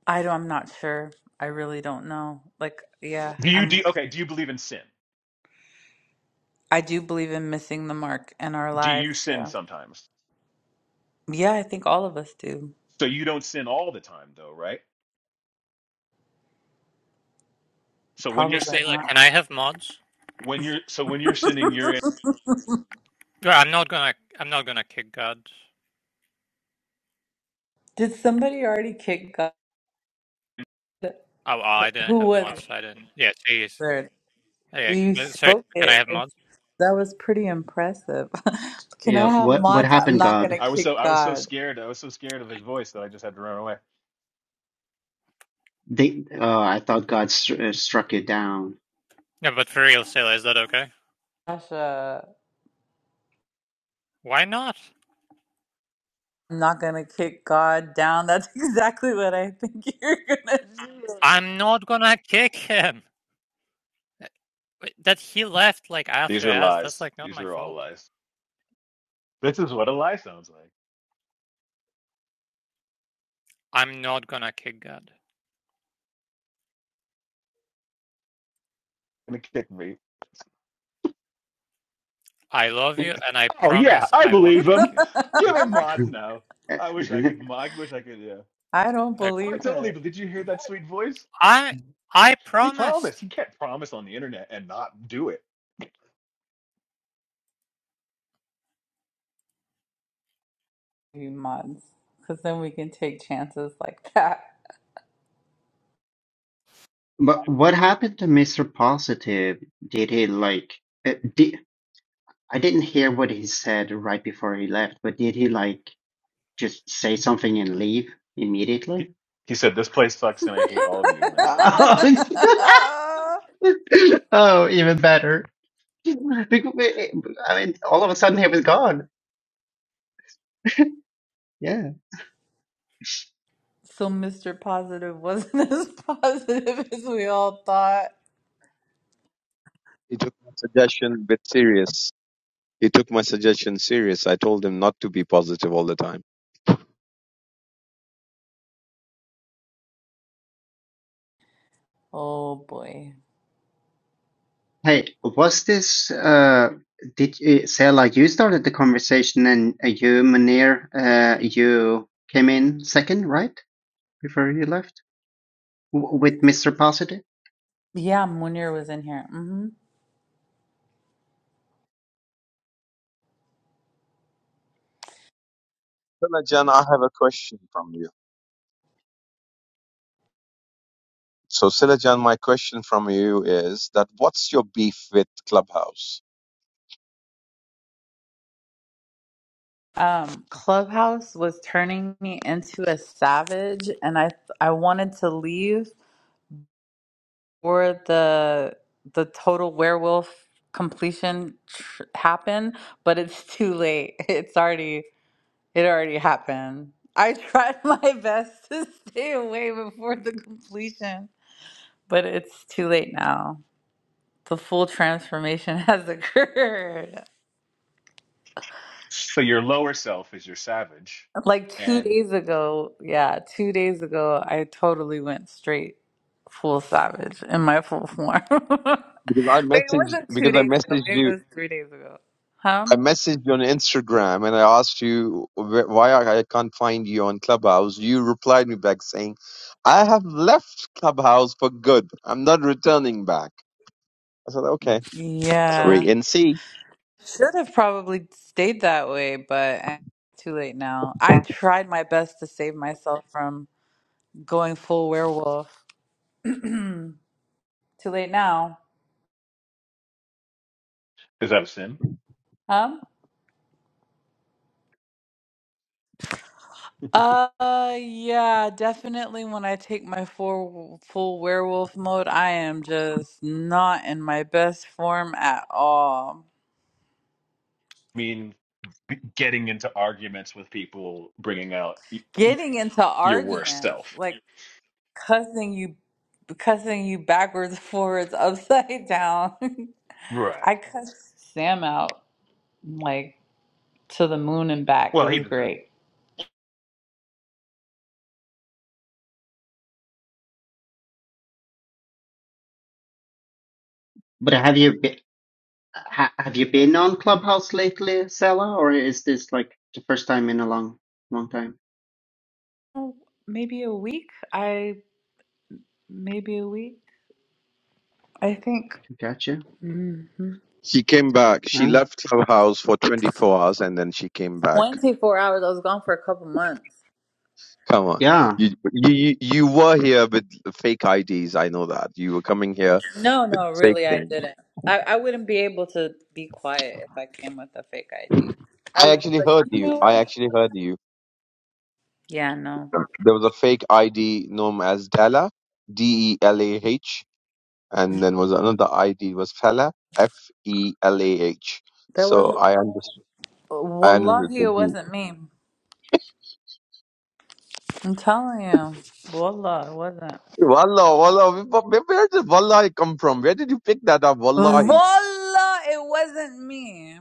[SPEAKER 2] I don't, I'm not sure. I really don't know. Like, yeah,
[SPEAKER 6] Do you
[SPEAKER 2] I'm.
[SPEAKER 6] do okay, do you believe in sin?
[SPEAKER 2] I do believe in missing the mark in our
[SPEAKER 6] Do you
[SPEAKER 2] lives.
[SPEAKER 6] sin
[SPEAKER 2] Yeah,
[SPEAKER 6] sometimes?
[SPEAKER 2] yeah, I think all of us do.
[SPEAKER 6] So you don't sin all the time though, right? So when
[SPEAKER 10] Hey
[SPEAKER 6] you're
[SPEAKER 2] Probably
[SPEAKER 6] sin
[SPEAKER 10] Sailor,
[SPEAKER 2] not.
[SPEAKER 10] can I have mods?
[SPEAKER 6] when you're so when you're sinning, you're in
[SPEAKER 10] Yeah, I'm not gonna I'm not gonna kick gods.
[SPEAKER 2] Did somebody already kick God?
[SPEAKER 10] Oh, oh, I didn't
[SPEAKER 2] Who
[SPEAKER 10] have
[SPEAKER 2] was it?
[SPEAKER 10] mods, I didn't yeah, jeez.
[SPEAKER 2] Bird?
[SPEAKER 10] Yeah,
[SPEAKER 2] You
[SPEAKER 10] but sorry,
[SPEAKER 2] spoke
[SPEAKER 10] can I
[SPEAKER 2] it.
[SPEAKER 10] have mods?
[SPEAKER 2] It's- That was pretty impressive. Can I
[SPEAKER 4] Yeah,
[SPEAKER 2] have
[SPEAKER 4] what what
[SPEAKER 2] mods? I'm
[SPEAKER 4] happened,
[SPEAKER 2] not gonna
[SPEAKER 4] God?
[SPEAKER 6] I was so
[SPEAKER 2] kick
[SPEAKER 6] I was so
[SPEAKER 2] God.
[SPEAKER 6] scared. I was so scared of
[SPEAKER 10] I,
[SPEAKER 6] his voice that I just had to run away.
[SPEAKER 4] They, uh, I thought God str uh, struck you down.
[SPEAKER 10] No, but for real, Sailor, is that okay?
[SPEAKER 2] Asha,
[SPEAKER 10] Why not?
[SPEAKER 2] I'm not gonna kick God down. That's exactly what I think you're gonna
[SPEAKER 10] I'm not gonna kick him. Uh, That he left like
[SPEAKER 6] These
[SPEAKER 10] after
[SPEAKER 6] are
[SPEAKER 10] us, that's
[SPEAKER 6] lies.
[SPEAKER 10] like not
[SPEAKER 6] These
[SPEAKER 10] my
[SPEAKER 6] are all
[SPEAKER 10] fault.
[SPEAKER 6] lies. This is what a lie sounds like.
[SPEAKER 10] I'm not gonna kick God.
[SPEAKER 6] Gonna kick me.
[SPEAKER 10] I love you and I
[SPEAKER 6] Oh yeah,
[SPEAKER 10] promise
[SPEAKER 6] I
[SPEAKER 10] I won't
[SPEAKER 6] believe
[SPEAKER 10] kick
[SPEAKER 6] him.
[SPEAKER 10] you.
[SPEAKER 2] do.
[SPEAKER 6] Give him mods now. I wish I could. I wish I could. Yeah.
[SPEAKER 2] I don't
[SPEAKER 10] Like
[SPEAKER 6] Oh, I
[SPEAKER 2] believe her.
[SPEAKER 6] totally. But did you hear that sweet voice?
[SPEAKER 10] I I
[SPEAKER 6] He
[SPEAKER 10] promised.
[SPEAKER 6] promised. He can't promise on the internet and not do it.
[SPEAKER 2] few months because then we can take chances like that.
[SPEAKER 4] But what happened to Mr. Positive? Did he like? Uh, did, I didn't hear what he said right before he left, but did he like just say something and leave immediately?
[SPEAKER 6] He, he said, "This place sucks and I hate all of you," and then he left.
[SPEAKER 4] oh, oh, even better. Because, I mean, all of a sudden he was gone. Yeah.
[SPEAKER 2] so Mr. Positive wasn't as positive as we all thought.
[SPEAKER 3] He took my suggestion a bit serious. He took my suggestion serious. I told him not to be positive all the time.
[SPEAKER 2] Oh boy.
[SPEAKER 4] Hey, was this? Uh, did you, say like you started the conversation and uh, you, Munir, uh, you came in second, right? Before you left w- with Mr. Positive.
[SPEAKER 2] Yeah, Munir was in here. hmm
[SPEAKER 3] Silajan, I have a question from you. So Silajan, my question from you is that what's your beef with Clubhouse?
[SPEAKER 2] Um, Clubhouse was turning me into a savage, and I I wanted to leave for the the total werewolf completion tr- happen, but it's too late. It's already It already happened. I tried my best to stay away before the completion, but it's too late now. The full transformation has occurred.
[SPEAKER 6] So your lower self is your savage,
[SPEAKER 2] Like two
[SPEAKER 6] and
[SPEAKER 2] days ago, yeah, two days ago, I totally went straight full savage in my full form. Wait,
[SPEAKER 3] because I
[SPEAKER 2] it
[SPEAKER 3] messaged
[SPEAKER 2] wasn't
[SPEAKER 3] because
[SPEAKER 2] two
[SPEAKER 3] I
[SPEAKER 2] days ago.
[SPEAKER 3] messaged
[SPEAKER 2] Maybe it
[SPEAKER 3] you
[SPEAKER 2] was three days ago. Huh?
[SPEAKER 3] I messaged you on Instagram and I asked you wh- why I I can't find you on Clubhouse. You replied me back saying, "I have left Clubhouse for good. I'm not returning back." I said, "Okay,
[SPEAKER 2] Yeah.
[SPEAKER 3] wait and see."
[SPEAKER 2] Should have probably stayed that way, but eh, too late now. I tried my best to save myself from going full werewolf. too late now.
[SPEAKER 6] is that a sin?
[SPEAKER 2] Huh? Uh, yeah, definitely when I take my full, full werewolf mode, I am just not in my best form at all.
[SPEAKER 6] I mean, getting into arguments with people, bringing out y- y-
[SPEAKER 2] Getting into
[SPEAKER 6] your worst
[SPEAKER 2] arguments,
[SPEAKER 6] self.
[SPEAKER 2] like cussing you, cussing you backwards, forwards, upside down.
[SPEAKER 6] Right.
[SPEAKER 2] I cussed Sam out. like to the moon and back. It
[SPEAKER 6] Well, he
[SPEAKER 2] was
[SPEAKER 6] deserves.
[SPEAKER 2] great.
[SPEAKER 4] But have you been? Ha- have you been on Clubhouse lately, Sela, or is this like the first time in a long, long time?
[SPEAKER 2] Oh, Maybe a week. I maybe a week. I think
[SPEAKER 4] Gotcha.
[SPEAKER 2] hmm
[SPEAKER 3] She came back. She
[SPEAKER 4] Oh,
[SPEAKER 3] left Clubhouse for 24 hours and then she came back.
[SPEAKER 2] 24 hours. I was gone for a couple months.
[SPEAKER 3] Come on,
[SPEAKER 4] yeah.
[SPEAKER 3] you you you you were here with fake IDs. I know that you were coming here
[SPEAKER 2] No,
[SPEAKER 3] with
[SPEAKER 2] no,
[SPEAKER 3] fake
[SPEAKER 2] really, I
[SPEAKER 3] things.
[SPEAKER 2] didn't. I, I wouldn't be able to be quiet if I came with a fake ID. I
[SPEAKER 3] I
[SPEAKER 2] would be
[SPEAKER 3] actually
[SPEAKER 2] like,
[SPEAKER 3] heard
[SPEAKER 2] you
[SPEAKER 3] you.
[SPEAKER 2] know
[SPEAKER 3] I
[SPEAKER 2] what?
[SPEAKER 3] actually heard you.
[SPEAKER 2] Yeah, no,
[SPEAKER 3] There was a fake ID known as Dala, D E L A H, and then was another ID was Fella, F E L A H.
[SPEAKER 2] that
[SPEAKER 3] So
[SPEAKER 2] wasn't.
[SPEAKER 3] I understood. I understood.
[SPEAKER 2] Wallahi,
[SPEAKER 3] the
[SPEAKER 2] it
[SPEAKER 3] Jew.
[SPEAKER 2] wasn't me. I'm telling you, wallah, it wasn't.
[SPEAKER 3] Wallah, wallah. Where where did wallahi come from? Where did you pick that up? Wallahi,
[SPEAKER 2] Wallah, it wasn't me.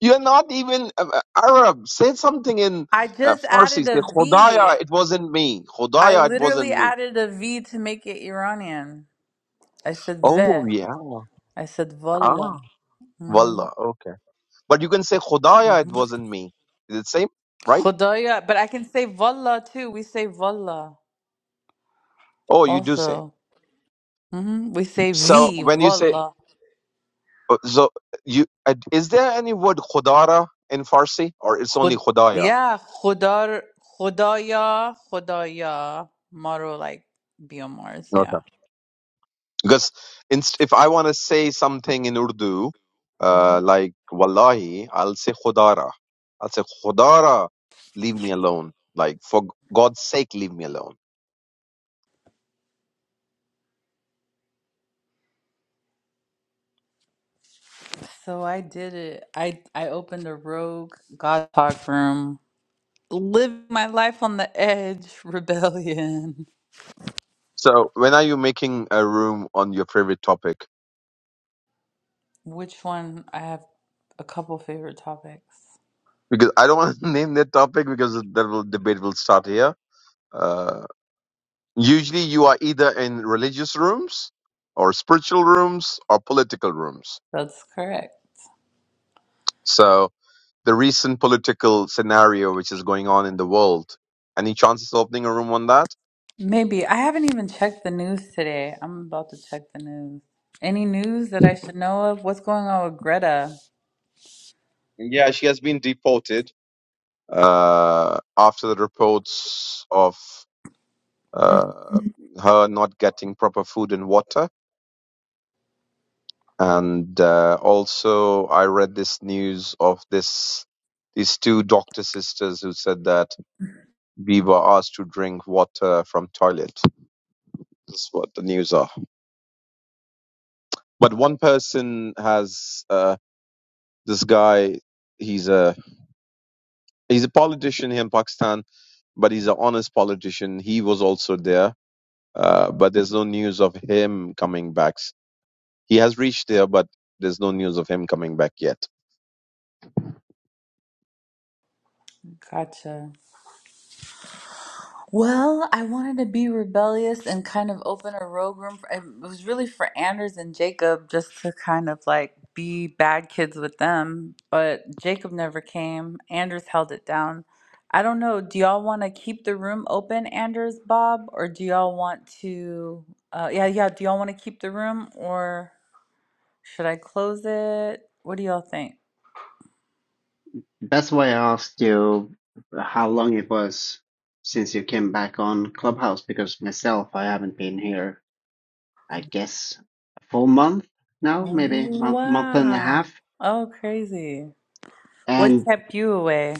[SPEAKER 3] you're not even uh, uh, Arab. Say something in
[SPEAKER 2] I
[SPEAKER 3] uh,
[SPEAKER 2] just
[SPEAKER 3] Farsi.
[SPEAKER 2] added
[SPEAKER 3] Say
[SPEAKER 2] a V.
[SPEAKER 3] Khodaya, it wasn't me.
[SPEAKER 2] I
[SPEAKER 3] Khodaya, it
[SPEAKER 2] literally
[SPEAKER 3] wasn't me.
[SPEAKER 2] added a V to make it Iranian. I said
[SPEAKER 3] Oh
[SPEAKER 2] ve.
[SPEAKER 3] yeah.
[SPEAKER 2] I said valla.
[SPEAKER 3] Ah,
[SPEAKER 2] Mm-hmm.
[SPEAKER 3] wallah. Okay, but you can say Khodaya,
[SPEAKER 2] hmm
[SPEAKER 3] it wasn't me. Is it same? Right?
[SPEAKER 2] Khudaya. But I can say valla too. We say valla
[SPEAKER 3] Oh, you do say.
[SPEAKER 2] also. hmm We say
[SPEAKER 3] So
[SPEAKER 2] V,
[SPEAKER 3] when you say,
[SPEAKER 2] valla.
[SPEAKER 3] uh, so you uh, is there any word khudara in Farsi or it's only
[SPEAKER 2] Khud-
[SPEAKER 3] khudaya?
[SPEAKER 2] yeah, khudar, khudaya, khudaya. Maro like Biomars,
[SPEAKER 3] Okay.
[SPEAKER 2] yeah.
[SPEAKER 3] Because in, if I want to say something in Urdu,
[SPEAKER 2] hmm
[SPEAKER 3] uh, like wallahi, I'll say khudara. I'll say khudara, leave me alone. Like for God's sake, leave me alone.
[SPEAKER 2] So I did it. I I opened a rogue God talk room. Live my life on the edge, rebellion.
[SPEAKER 3] So when are you making a room on your favorite topic?
[SPEAKER 2] Which one? I have a couple favorite topics.
[SPEAKER 3] Because I don't want to name that topic because that will, debate will start here. Uh, Usually you are either in religious rooms or spiritual rooms or political rooms.
[SPEAKER 2] That's correct.
[SPEAKER 3] So the recent political scenario which is going on in the world, any chances of opening a room on that?
[SPEAKER 2] Maybe. I haven't even checked the news today. I'm about to check the news. Any news that I should know of? What's going on with Greta?
[SPEAKER 3] Yeah, she has been deported uh, after the reports of uh, her not getting proper food and water. And uh, also, I read this news of this these two doctor sisters who said that we were asked to drink water from toilet. That's what the news are. But one person has uh, this guy. He's a he's a politician here in Pakistan, but he's an honest politician. He was also there, uh, but there's no news of him coming back. He has reached there, but there's no news of him coming back yet.
[SPEAKER 2] Gotcha. Well, I wanted to be rebellious and kind of open a rogue room. For, it was really for Anders and Jacob just to kind of like be bad kids with them. But Jacob never came. Anders held it down. I don't know. Do y'all want to keep the room open, Anders, Bob, or do y'all want to? Uh, yeah, yeah. Do y'all want to keep the room or should I close it? What do y'all think?
[SPEAKER 4] That's why I asked you how long it was since you came back on Clubhouse because myself, I haven't been here, I guess, a full month now, maybe month, month and a
[SPEAKER 2] Wow.
[SPEAKER 4] half,
[SPEAKER 2] Oh, crazy. What
[SPEAKER 4] and
[SPEAKER 2] kept you away?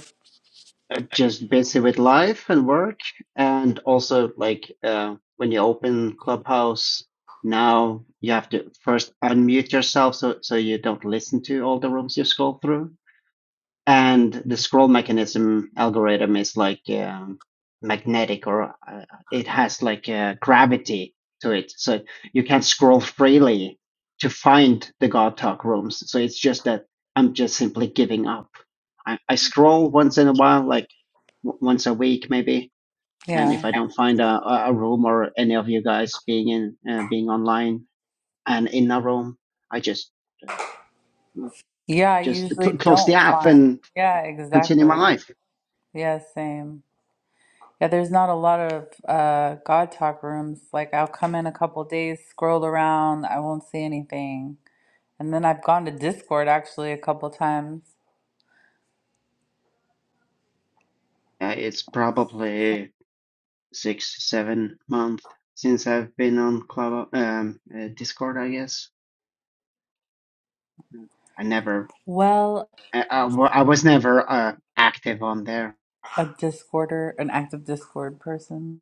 [SPEAKER 4] uh, just busy with life and work. And also, like, uh, when you open Clubhouse now, you have to first unmute yourself so, so you don't listen to all the rooms you scroll through. and the scroll mechanism algorithm is like um, magnetic or uh, it has like uh, gravity to it so you can scroll freely to find the god talk rooms so it's just that i'm just simply giving up i, I scroll once in a while like w- once a week maybe and
[SPEAKER 2] Yeah.
[SPEAKER 4] if i don't find a, a a room or any of you guys being in uh, being online and in a room i just mm,
[SPEAKER 2] Yeah, I
[SPEAKER 4] just
[SPEAKER 2] usually
[SPEAKER 4] cl- close the
[SPEAKER 2] don't
[SPEAKER 4] app
[SPEAKER 2] find.
[SPEAKER 4] and
[SPEAKER 2] Yeah,
[SPEAKER 4] continue my
[SPEAKER 2] exactly.
[SPEAKER 4] life
[SPEAKER 2] Yeah, same. Yeah, there's not a lot of uh God talk rooms. Like I'll come in a couple days, scroll around, I won't see anything. And then I've gone to Discord actually a couple times.
[SPEAKER 4] Yeah, it's probably six, seven months since I've been on Club, um, uh, Discord, I guess. I never,
[SPEAKER 2] Well,
[SPEAKER 4] I, I, wa- I was never uh, active on there.
[SPEAKER 2] a Discorder, an active Discord person.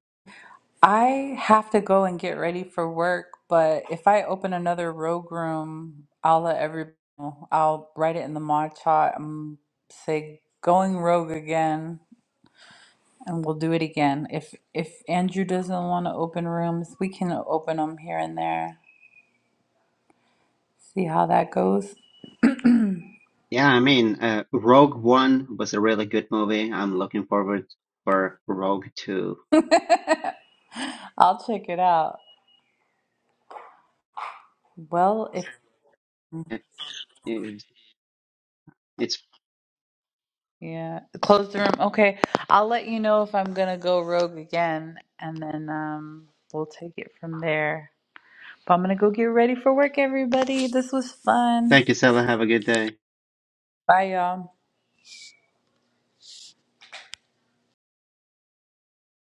[SPEAKER 2] I have to go and get ready for work, but if I open another rogue room, I'll let everybody know. I'll write it in the mod chat and say going rogue again. And we'll do it again. If if Andrew doesn't want to open rooms, we can open them here and there. See how that goes.
[SPEAKER 4] Yeah, I mean, uh, Rogue One was a really good movie. I'm looking forward for Rogue Two.
[SPEAKER 2] I'll check it out. Well, if
[SPEAKER 4] It- It's, it's
[SPEAKER 2] yeah, close the room. Okay, I'll let you know if I'm gonna go rogue again, and then um, we'll take it from there. But I'm gonna go get ready for work, everybody. This was fun.
[SPEAKER 4] thank you, Stella. Have a good day.
[SPEAKER 2] Bye, y'all.